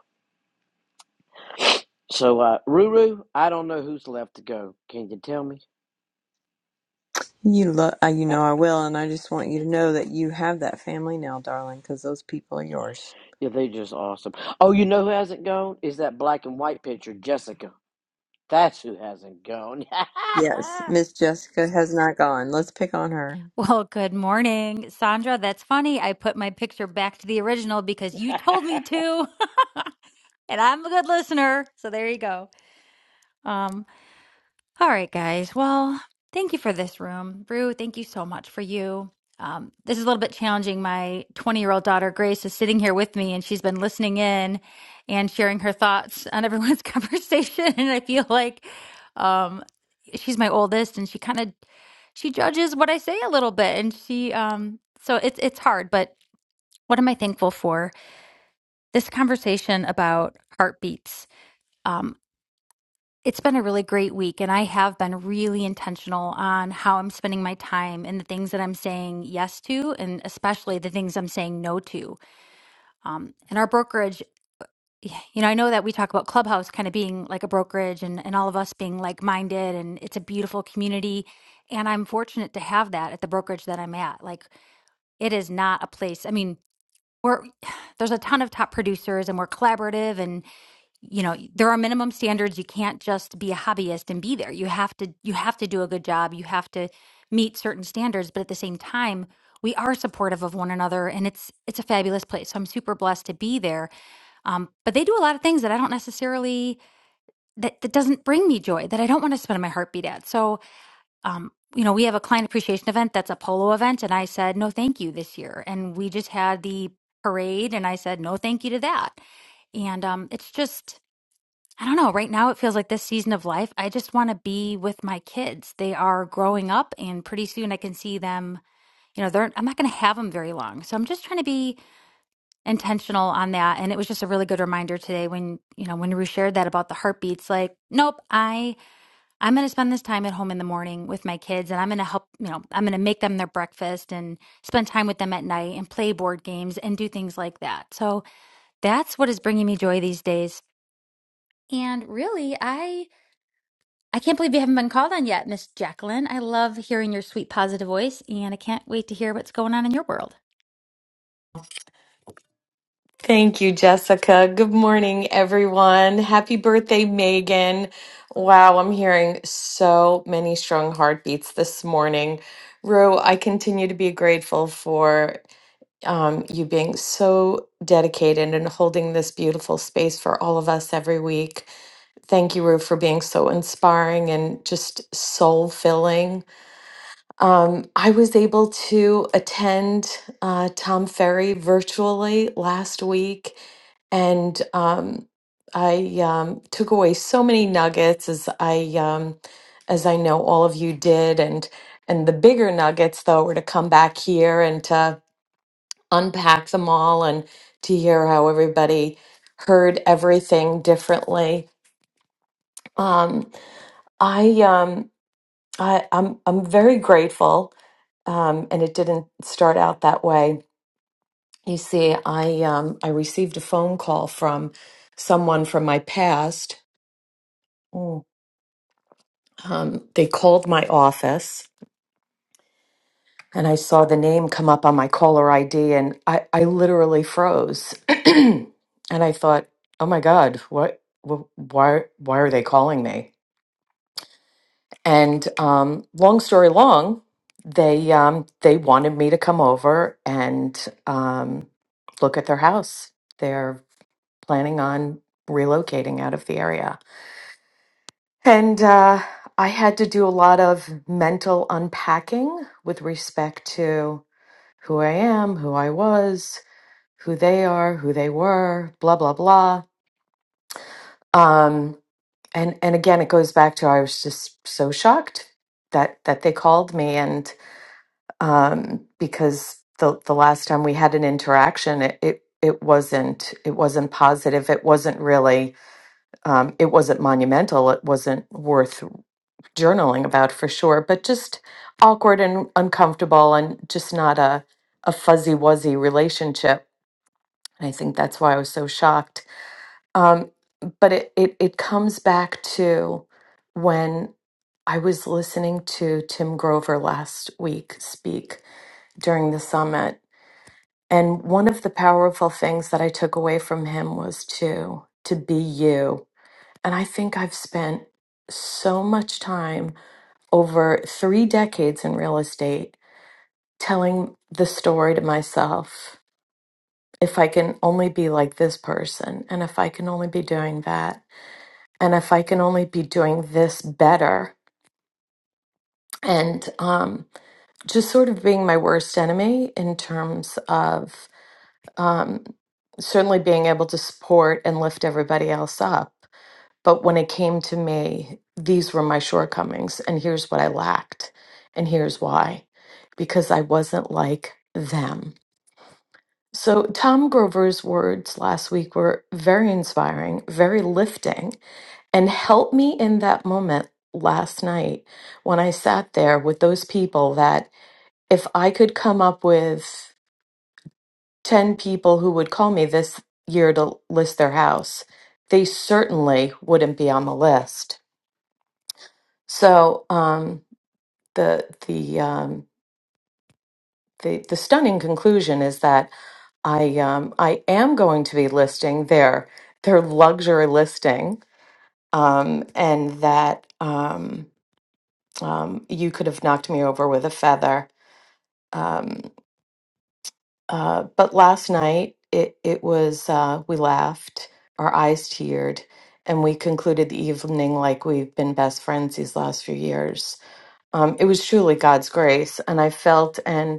W: So, uh, Ruru, I don't know who's left to go. Can you tell me?
A: You love, you
W: *laughs*
A: know I will, and I just want you to know that you have that family now, darling, because those people are yours.
W: yeah, they're just awesome. Oh, you know who hasn't gone? Is that black and white picture, Jessica. That's who hasn't gone.
A: Yes, Miss Jessica has not gone. Let's pick on her.
L: Well, good morning, Sandra. That's funny. I put my picture back to the original because you told me
W: *laughs*
L: to, *laughs* and I'm a good listener. So there you go. Um. All right, guys. Well, thank you for this room. Rue, thank you so much for you. Um, this is a little bit challenging. My 20 year old daughter, Grace, is sitting here with me and she's been listening in and sharing her thoughts on everyone's *laughs* conversation. And I feel like um, she's my oldest and she kind of she judges what I say a little bit. And she, um, so it's, it's hard. But what am I thankful for? This conversation about heartbeats. Um, it's been a really great week, and I have been really intentional on how I'm spending my time and the things that I'm saying yes to, and especially the things I'm saying no to. Um, and our brokerage, *sighs* you know, I know that we talk about Clubhouse kind of being like a brokerage and, and all of us being like minded, and it's a beautiful community. And I'm fortunate to have that at the brokerage that I'm at. Like, it is not a place, I mean, we're, *sighs* there's a ton of top producers and we're collaborative and you know there are minimum standards you can't just be a hobbyist and be there you have to you have to do a good job you have to meet certain standards but at the same time we are supportive of one another and it's it's a fabulous place so i'm super blessed to be there um, but they do a lot of things that i don't necessarily that, that doesn't bring me joy that i don't want to spend my heartbeat at so um, you know we have a client appreciation event that's a polo event and i said no thank you this year and we just had the parade and i said no thank you to that and um, it's just I don't know. Right now, it feels like this season of life, I just want to be with my kids. They are growing up, and pretty soon I can see them. You know, they're, I'm not going to have them very long. So I'm just trying to be intentional on that. And it was just a really good reminder today when, you know, when we shared that about the heartbeats, like, nope, I, I'm going to spend this time at home in the morning with my kids and I'm going to help, you know, I'm going to make them their breakfast and spend time with them at night and play board games and do things like that. So that's what is bringing me joy these days. And really, I I can't believe you haven't been called on yet, Miss Jacqueline. I love hearing your sweet, positive voice, and I can't wait to hear what's going on in your world.
H: Thank you, Jessica. Good morning, everyone. Happy birthday, Megan. Wow, I'm hearing so many strong heartbeats this morning. Rue, I continue to be grateful for. um, you being so dedicated and holding this beautiful space for all of us every week. Thank you, Rue, for being so inspiring and just soul filling. Um, I was able to attend uh, Tom Ferry virtually last week, and um, I um, took away so many nuggets as I um, as I know all of you did, and and the bigger nuggets though were to come back here and to unpack them all and to hear how everybody heard everything differently. Um, I, um, I, I'm, I'm very grateful, um, and it didn't start out that way. You see, I, um, I received a phone call from someone from my past. Mm. Um, they called my office and I saw the name come up on my caller ID and I, I literally froze. *clears throat* and I thought, oh my God, what, wh- why, why are they calling me? And um, long story long, they, um, they wanted me to come over and um, look at their house. They're planning on relocating out of the area. And uh, I had to do a lot of mental unpacking with respect to who I am, who I was, who they are, who they were, blah blah blah. Um, and and again, it goes back to I was just so shocked that that they called me, and um, because the the last time we had an interaction, it. it it wasn't it wasn't positive it wasn't really um, it wasn't monumental it wasn't worth journaling about for sure but just awkward and uncomfortable and just not a a fuzzy wuzzy relationship and i think that's why i was so shocked Um, but it, it it comes back to when I was listening to Tim Grover last week speak during the summit, and one of the powerful things that I took away from him was to to be you. And I think I've spent so much time over 3 decades in real estate telling the story to myself. If I can only be like this person and if I can only be doing that and if I can only be doing this better and um, just sort of being my worst enemy in terms of um, certainly being able to support and lift everybody else up. But when it came to me, these were my shortcomings, and here's what I lacked, and here's why because I wasn't like them. So, Tom Grover's words last week were very inspiring, very lifting, and helped me in that moment last night when I sat there with those people that if I could come up with 10 people who would call me this year to list their house, they certainly wouldn't be on the list. So, um, the the um, the, the stunning conclusion is that I um, I am going to be listing their their luxury listing, um, and that um, um, you could have knocked me over with a feather. Um, uh, but last night it it was uh, we laughed, our eyes teared, and we concluded the evening like we've been best friends these last few years. Um, it was truly God's grace, and I felt and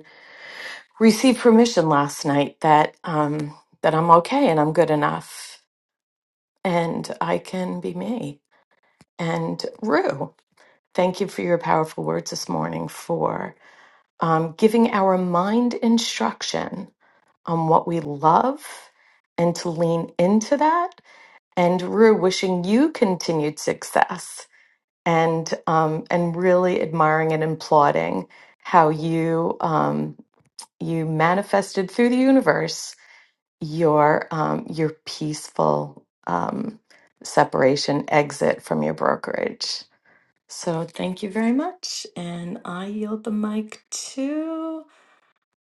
H: received permission last night that um, that I'm okay and I'm good enough and I can be me. And Rue, thank you for your powerful words this morning for um, giving our mind instruction on what we love and to lean into that. And Rue, wishing you continued success and um, and really admiring and applauding how you um, you manifested through the universe your um, your peaceful um, separation exit from your brokerage. So thank you very much, and I yield the mic to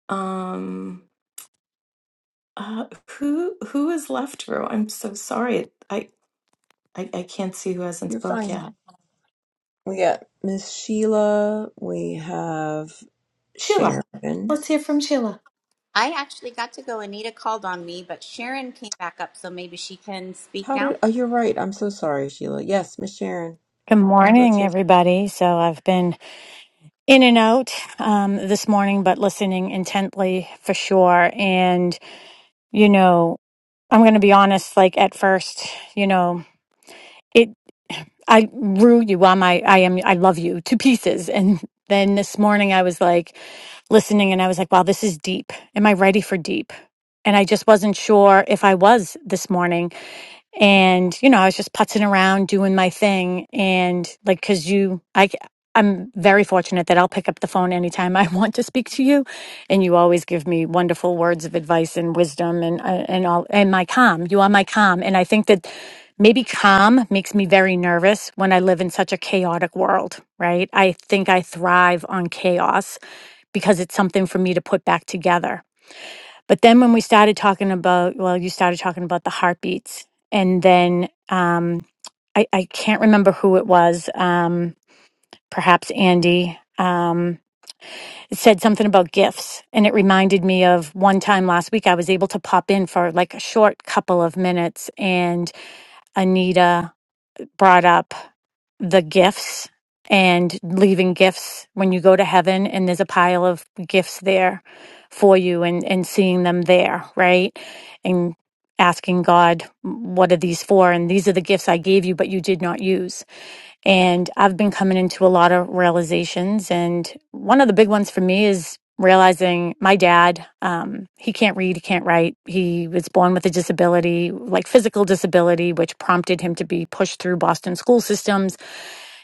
H: um, uh, who who is left row. I'm so sorry, I, I I can't see who hasn't
A: You're
H: spoke
A: fine.
H: yet.
A: We got Miss Sheila. We have
H: Sheila,
A: Sharon.
H: let's hear from Sheila.
C: I actually got to go. Anita called on me, but Sharon came back up, so maybe she can speak
A: How
C: now.
A: did? Oh, you're right. I'm so sorry, Sheila. Yes, Miss Sharon.
X: Good
A: Let's
X: morning,
A: hear.
X: everybody. So I've been in and out um, this morning, but listening intently for sure. And, you know, I'm going to be honest, like at first, you know, it, I rue you. I'm, I, I am, I love you to pieces. And then this morning I was like listening and I was like, wow, this is deep. Am I ready for deep? And I just wasn't sure if I was this morning. and you know i was just putzing around doing my thing and like because you I, i c- i'm very fortunate that i'll pick up the phone anytime *laughs* i want to speak to you and you always give me wonderful words of advice and wisdom and uh, and all and my calm you are my calm and i think that maybe calm makes me very nervous when i live in such a chaotic world right i think i thrive on chaos because it's something for me to put back together but then when we started talking about, well, you started talking about the heartbeats, and then um, I, I can't remember who it was, um, perhaps Andy. Um, said something about gifts, and it reminded me of one time last week I was able to pop in for like a short couple of minutes, and Anita brought up the gifts and leaving gifts when you go to heaven and there's a pile of gifts there for you and and seeing them there right and asking god what are these for and these are the gifts i gave you but you did not use and i've been coming into a lot of realizations and one of the big ones for me is realizing my dad um, he can't read he can't write he was born with a disability like physical disability which prompted him to be pushed through boston school systems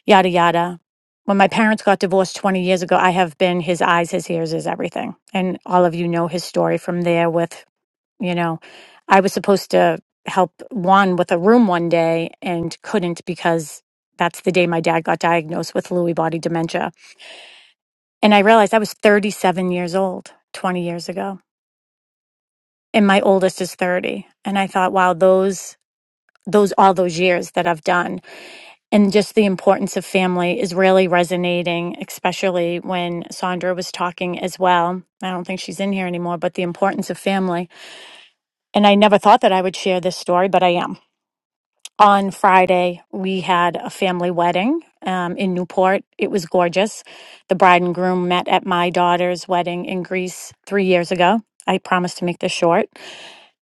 X: yada yada. When my parents got divorced 20 years ago, I have been his eyes, his ears, his everything. And all of you know his story from there with, you know, I was supposed to help Juan with a room one day and couldn't because that's the day my dad got diagnosed with Lewy body dementia. And I realized I was 37 years old 20 years ago. And my oldest is 30. And I thought, wow, those those all those years that I've done and just the importance of family is really resonating, especially when Sandra was talking as well. I don't think she's in here anymore, but the importance of family. And I never thought that I would share this story, but I am. On Friday, we had a family wedding um, in Newport. It was gorgeous. The bride and groom met at my daughter's wedding in Greece three years ago. I promised to make this short.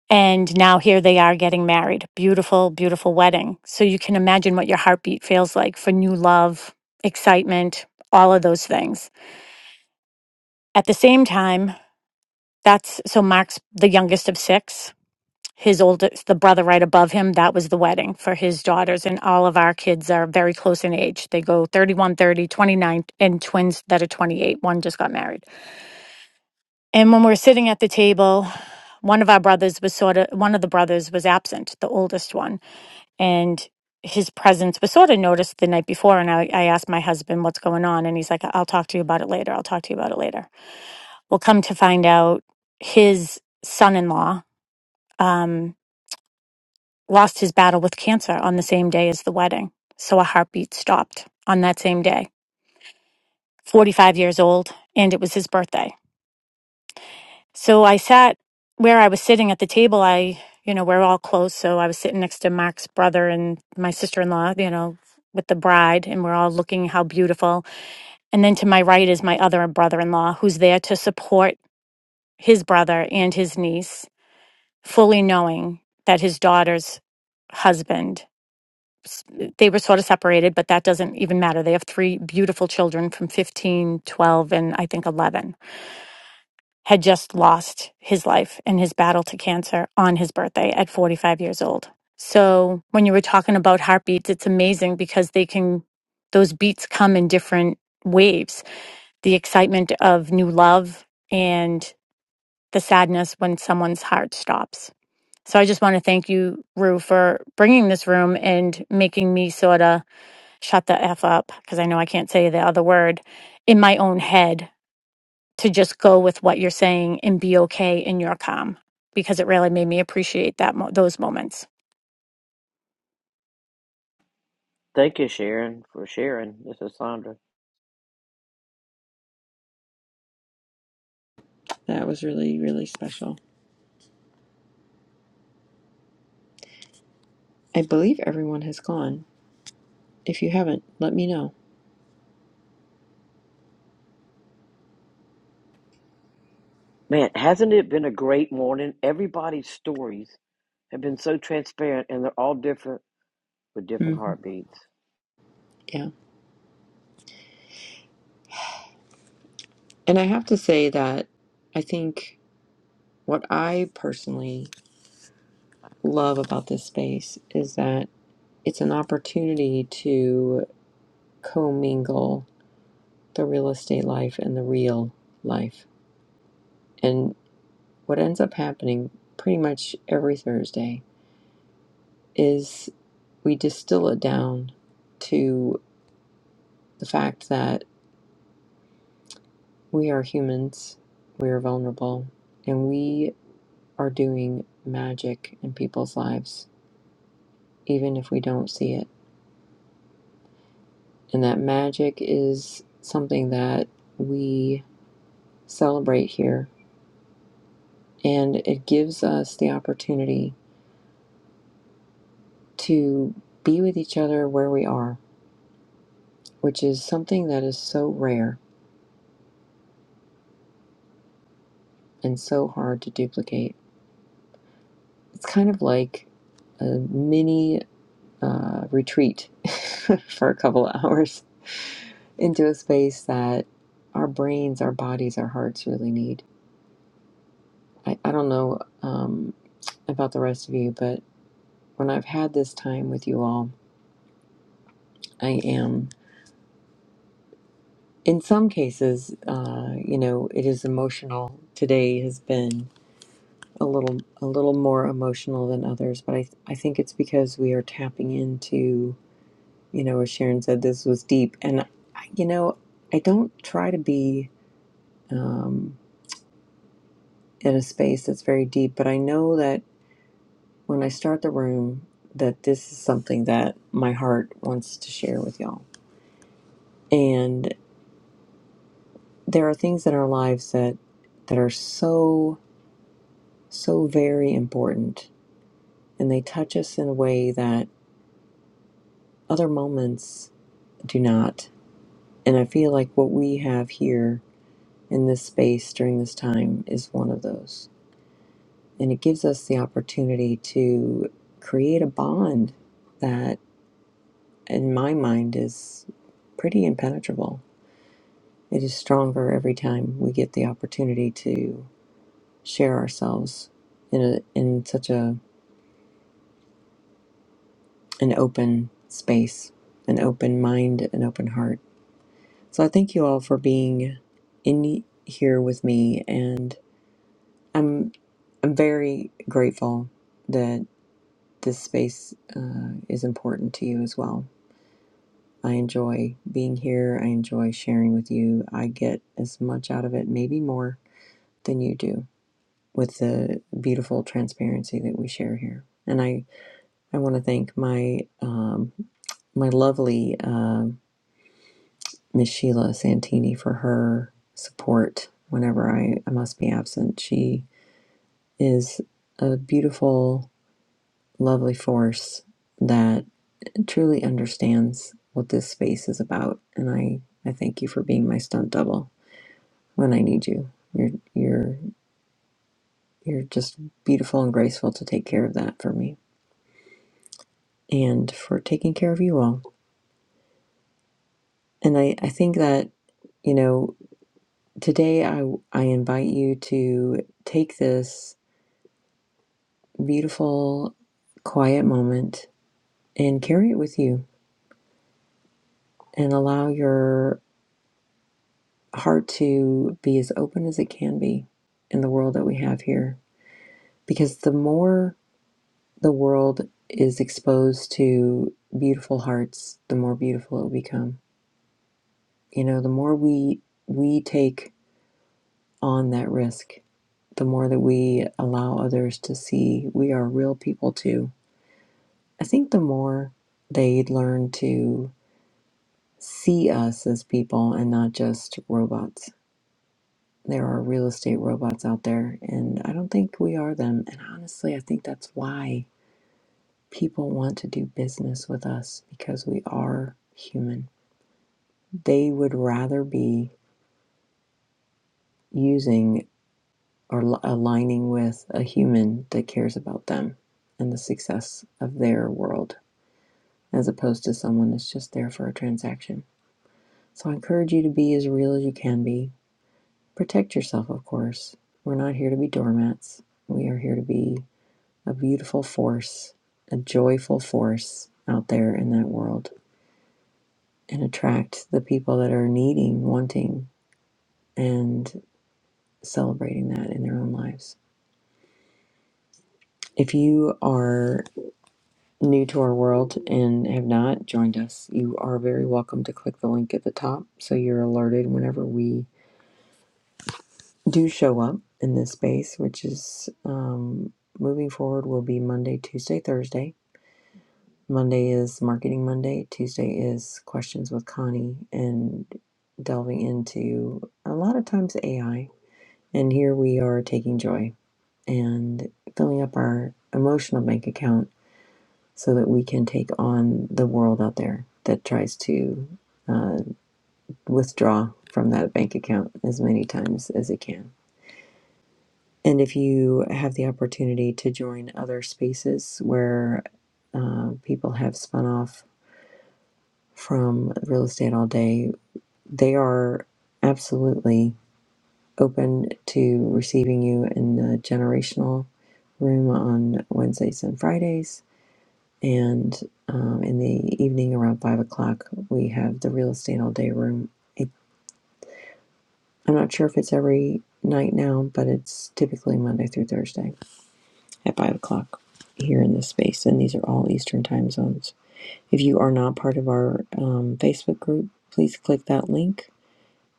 X: And now here they are getting married. Beautiful, beautiful wedding. So you can imagine what your heartbeat feels like for new love, excitement, all of those things. At the same time, that's so Mark's the youngest of six. His oldest, the brother right above him, that was the wedding for his daughters. And all of our kids are very close in age. They go 31, 30 29, and twins that are 28. One just got married. And when we're sitting at the table, one of our brothers was sort of, one of the brothers was absent, the oldest one and his presence was sort of noticed the night before and I, I asked my husband what's going on and he's like i'll talk to you about it later i'll talk to you about it later well come to find out his son-in-law um, lost his battle with cancer on the same day as the wedding so a heartbeat stopped on that same day 45 years old and it was his birthday So I sat where I was sitting at the table. I, you know, we're all close. So I was sitting next to Mark's brother and my sister in law, you know, with the bride, and we're all looking how beautiful. And then to my right is my other brother in law who's there to support his brother and his niece, fully knowing that his daughter's husband. s- They were sort of separated, but that doesn't even matter. They have three beautiful children from 15, 12, and I think 11 had just lost his life in his battle to cancer on his birthday at 45 years old. So when you were talking about heartbeats, it's amazing because they can, those beats come in different waves. The excitement of new love and the sadness when someone's heart stops. So I just want to thank you, Rue, for bringing this room and making me sort of shut the F up because I know I can't say the other word in my own head to just go with what you're saying and be okay in your calm because it really made me appreciate that mo- those moments.
W: Thank you, Sharon, for sharing. This is Sandra.
A: That was really, really special. I believe everyone has gone. If you haven't, let me know.
W: Man, hasn't it been a great morning? Everybody's stories have been so transparent and they're all different with different
A: hmm
W: heartbeats.
A: Yeah. And I have to say that I think what I personally love about this space is that it's an opportunity to commingle the real estate life and the real life. what ends up happening pretty much every Thursday is we distill it down to the fact that we are humans, we are vulnerable, and we are doing magic in people's lives, even if we don't see it. And that magic is something that we celebrate here, and it gives us the opportunity to be with each other where we are, which is something that is so rare and so hard to duplicate. It's kind of like a mini uh, retreat *laughs* for a couple of hours into a space that our brains, our bodies, our hearts really need. I, I don't know um, about the rest of you, but when I've had this time with you all, I am, in some cases, uh, you know, it is emotional. Today has been a little a little more emotional than others, but I, I think it's because we are tapping into you know, as Sharon said, this was deep. And, I- you know, I don't try to be um, in a space that's very deep, but I know that when I start the room, that this is something that my heart wants to share with y'all. And there are things in our lives that that are so so very important, and they touch us in a way that other moments do not. And I feel like what we have here in this space during this time is one of those And it gives us the opportunity to create a bond that, in my mind, is pretty impenetrable. It is stronger every time we get the opportunity to share ourselves in a, in such a an open space, an open mind, an open heart. So I thank you all for being in here with me, and I'm I'm very grateful that this space uh, is important to you as well I enjoy being here. I enjoy sharing with you. I get as much out of it, maybe more than you do, with the beautiful transparency that we share here. And I, I want to thank my um, my lovely um Miss Sheila Santini for her support whenever I, I must be absent. She is a beautiful, lovely force that truly understands what this space is about. And I, I thank you for being my stunt double. when I need you. You're you're you're just beautiful and graceful to take care of that for me and for taking care of you all. And I, I think that, you know, today I I invite you to take this beautiful quiet moment and carry it with you and allow your heart to be as open as it can be in the world that we have here. Because the more the world is exposed to beautiful hearts, the more beautiful it will become. You know, the more we we take on that risk, the more that we allow others to see we are real people too. I think the more they learn to see us as people and not just robots. There are real estate robots out there, and I don't think we are them. And honestly, I think that's why people want to do business with us because we are human They would rather be using or aligning with a human that cares about them and the success of their world as opposed to someone that's just there for a transaction. So I encourage you to be as real as you can be. Protect yourself, of course. We're not here to be doormats. We are here to be a beautiful force, a joyful force out there in that world and attract the people that are needing, wanting, and celebrating that in their own lives. If you are new to our world and have not joined us, you are very welcome to click the link at the top so you're alerted whenever we do show up in this space, which is um, moving forward will be Monday, Tuesday, Thursday. Monday is Marketing Monday, Tuesday is Questions with Connie, and delving into a lot of times AI. And here we are taking joy and filling up our emotional bank account so that we can take on the world out there that tries to uh, withdraw from that bank account as many times as it can. And if you have the opportunity to join other spaces where uh, people have spun off from real estate all day, they are absolutely open to receiving you in the generational room on Wednesdays and Fridays And um, in the evening around five o'clock, we have the real estate all day room. It, I'm not sure if it's every night now, but it's typically Monday through Thursday at five o'clock here in this space. And these are all Eastern time zones. If you are not part of our um, Facebook group, please click that link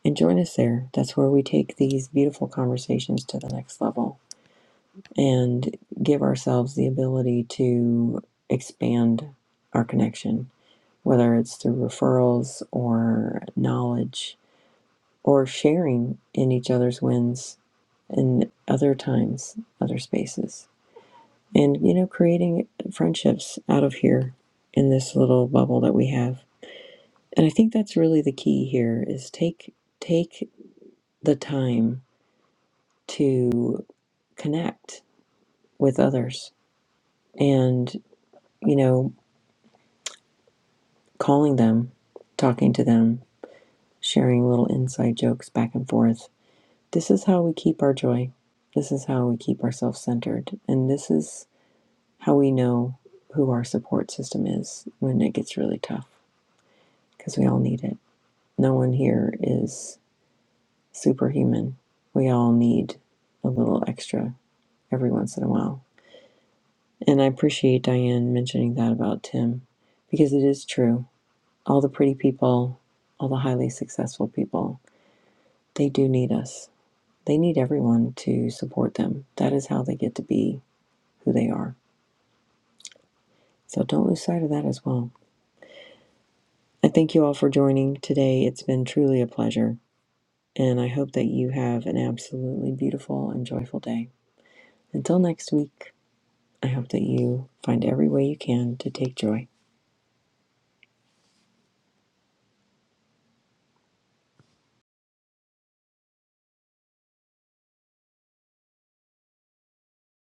A: and join us there. That's where we take these beautiful conversations to the next level and give ourselves the ability to expand our connection whether it's through referrals or knowledge or sharing in each other's wins in other times, other spaces. And, you know, creating friendships out of here in this little bubble that we have. And I think that's really the key here is take take the time to connect with others and, you know, calling them, talking to them, sharing little inside jokes back and forth This is how we keep our joy. This is how we keep ourselves centered. And this is how we know who our support system is when it gets really tough, because we all need it. No one here is superhuman. We all need a little extra every once in a while. And I appreciate Diane mentioning that about Tim, because it is true. All the pretty people, all the highly successful people, they do need us. They need everyone to support them. That is how they get to be who they are. So don't lose sight of that as well. I thank you all for joining today. It's been truly a pleasure, and I hope that you have an absolutely beautiful and joyful day. Until next week, I hope that you find every way you can to take joy.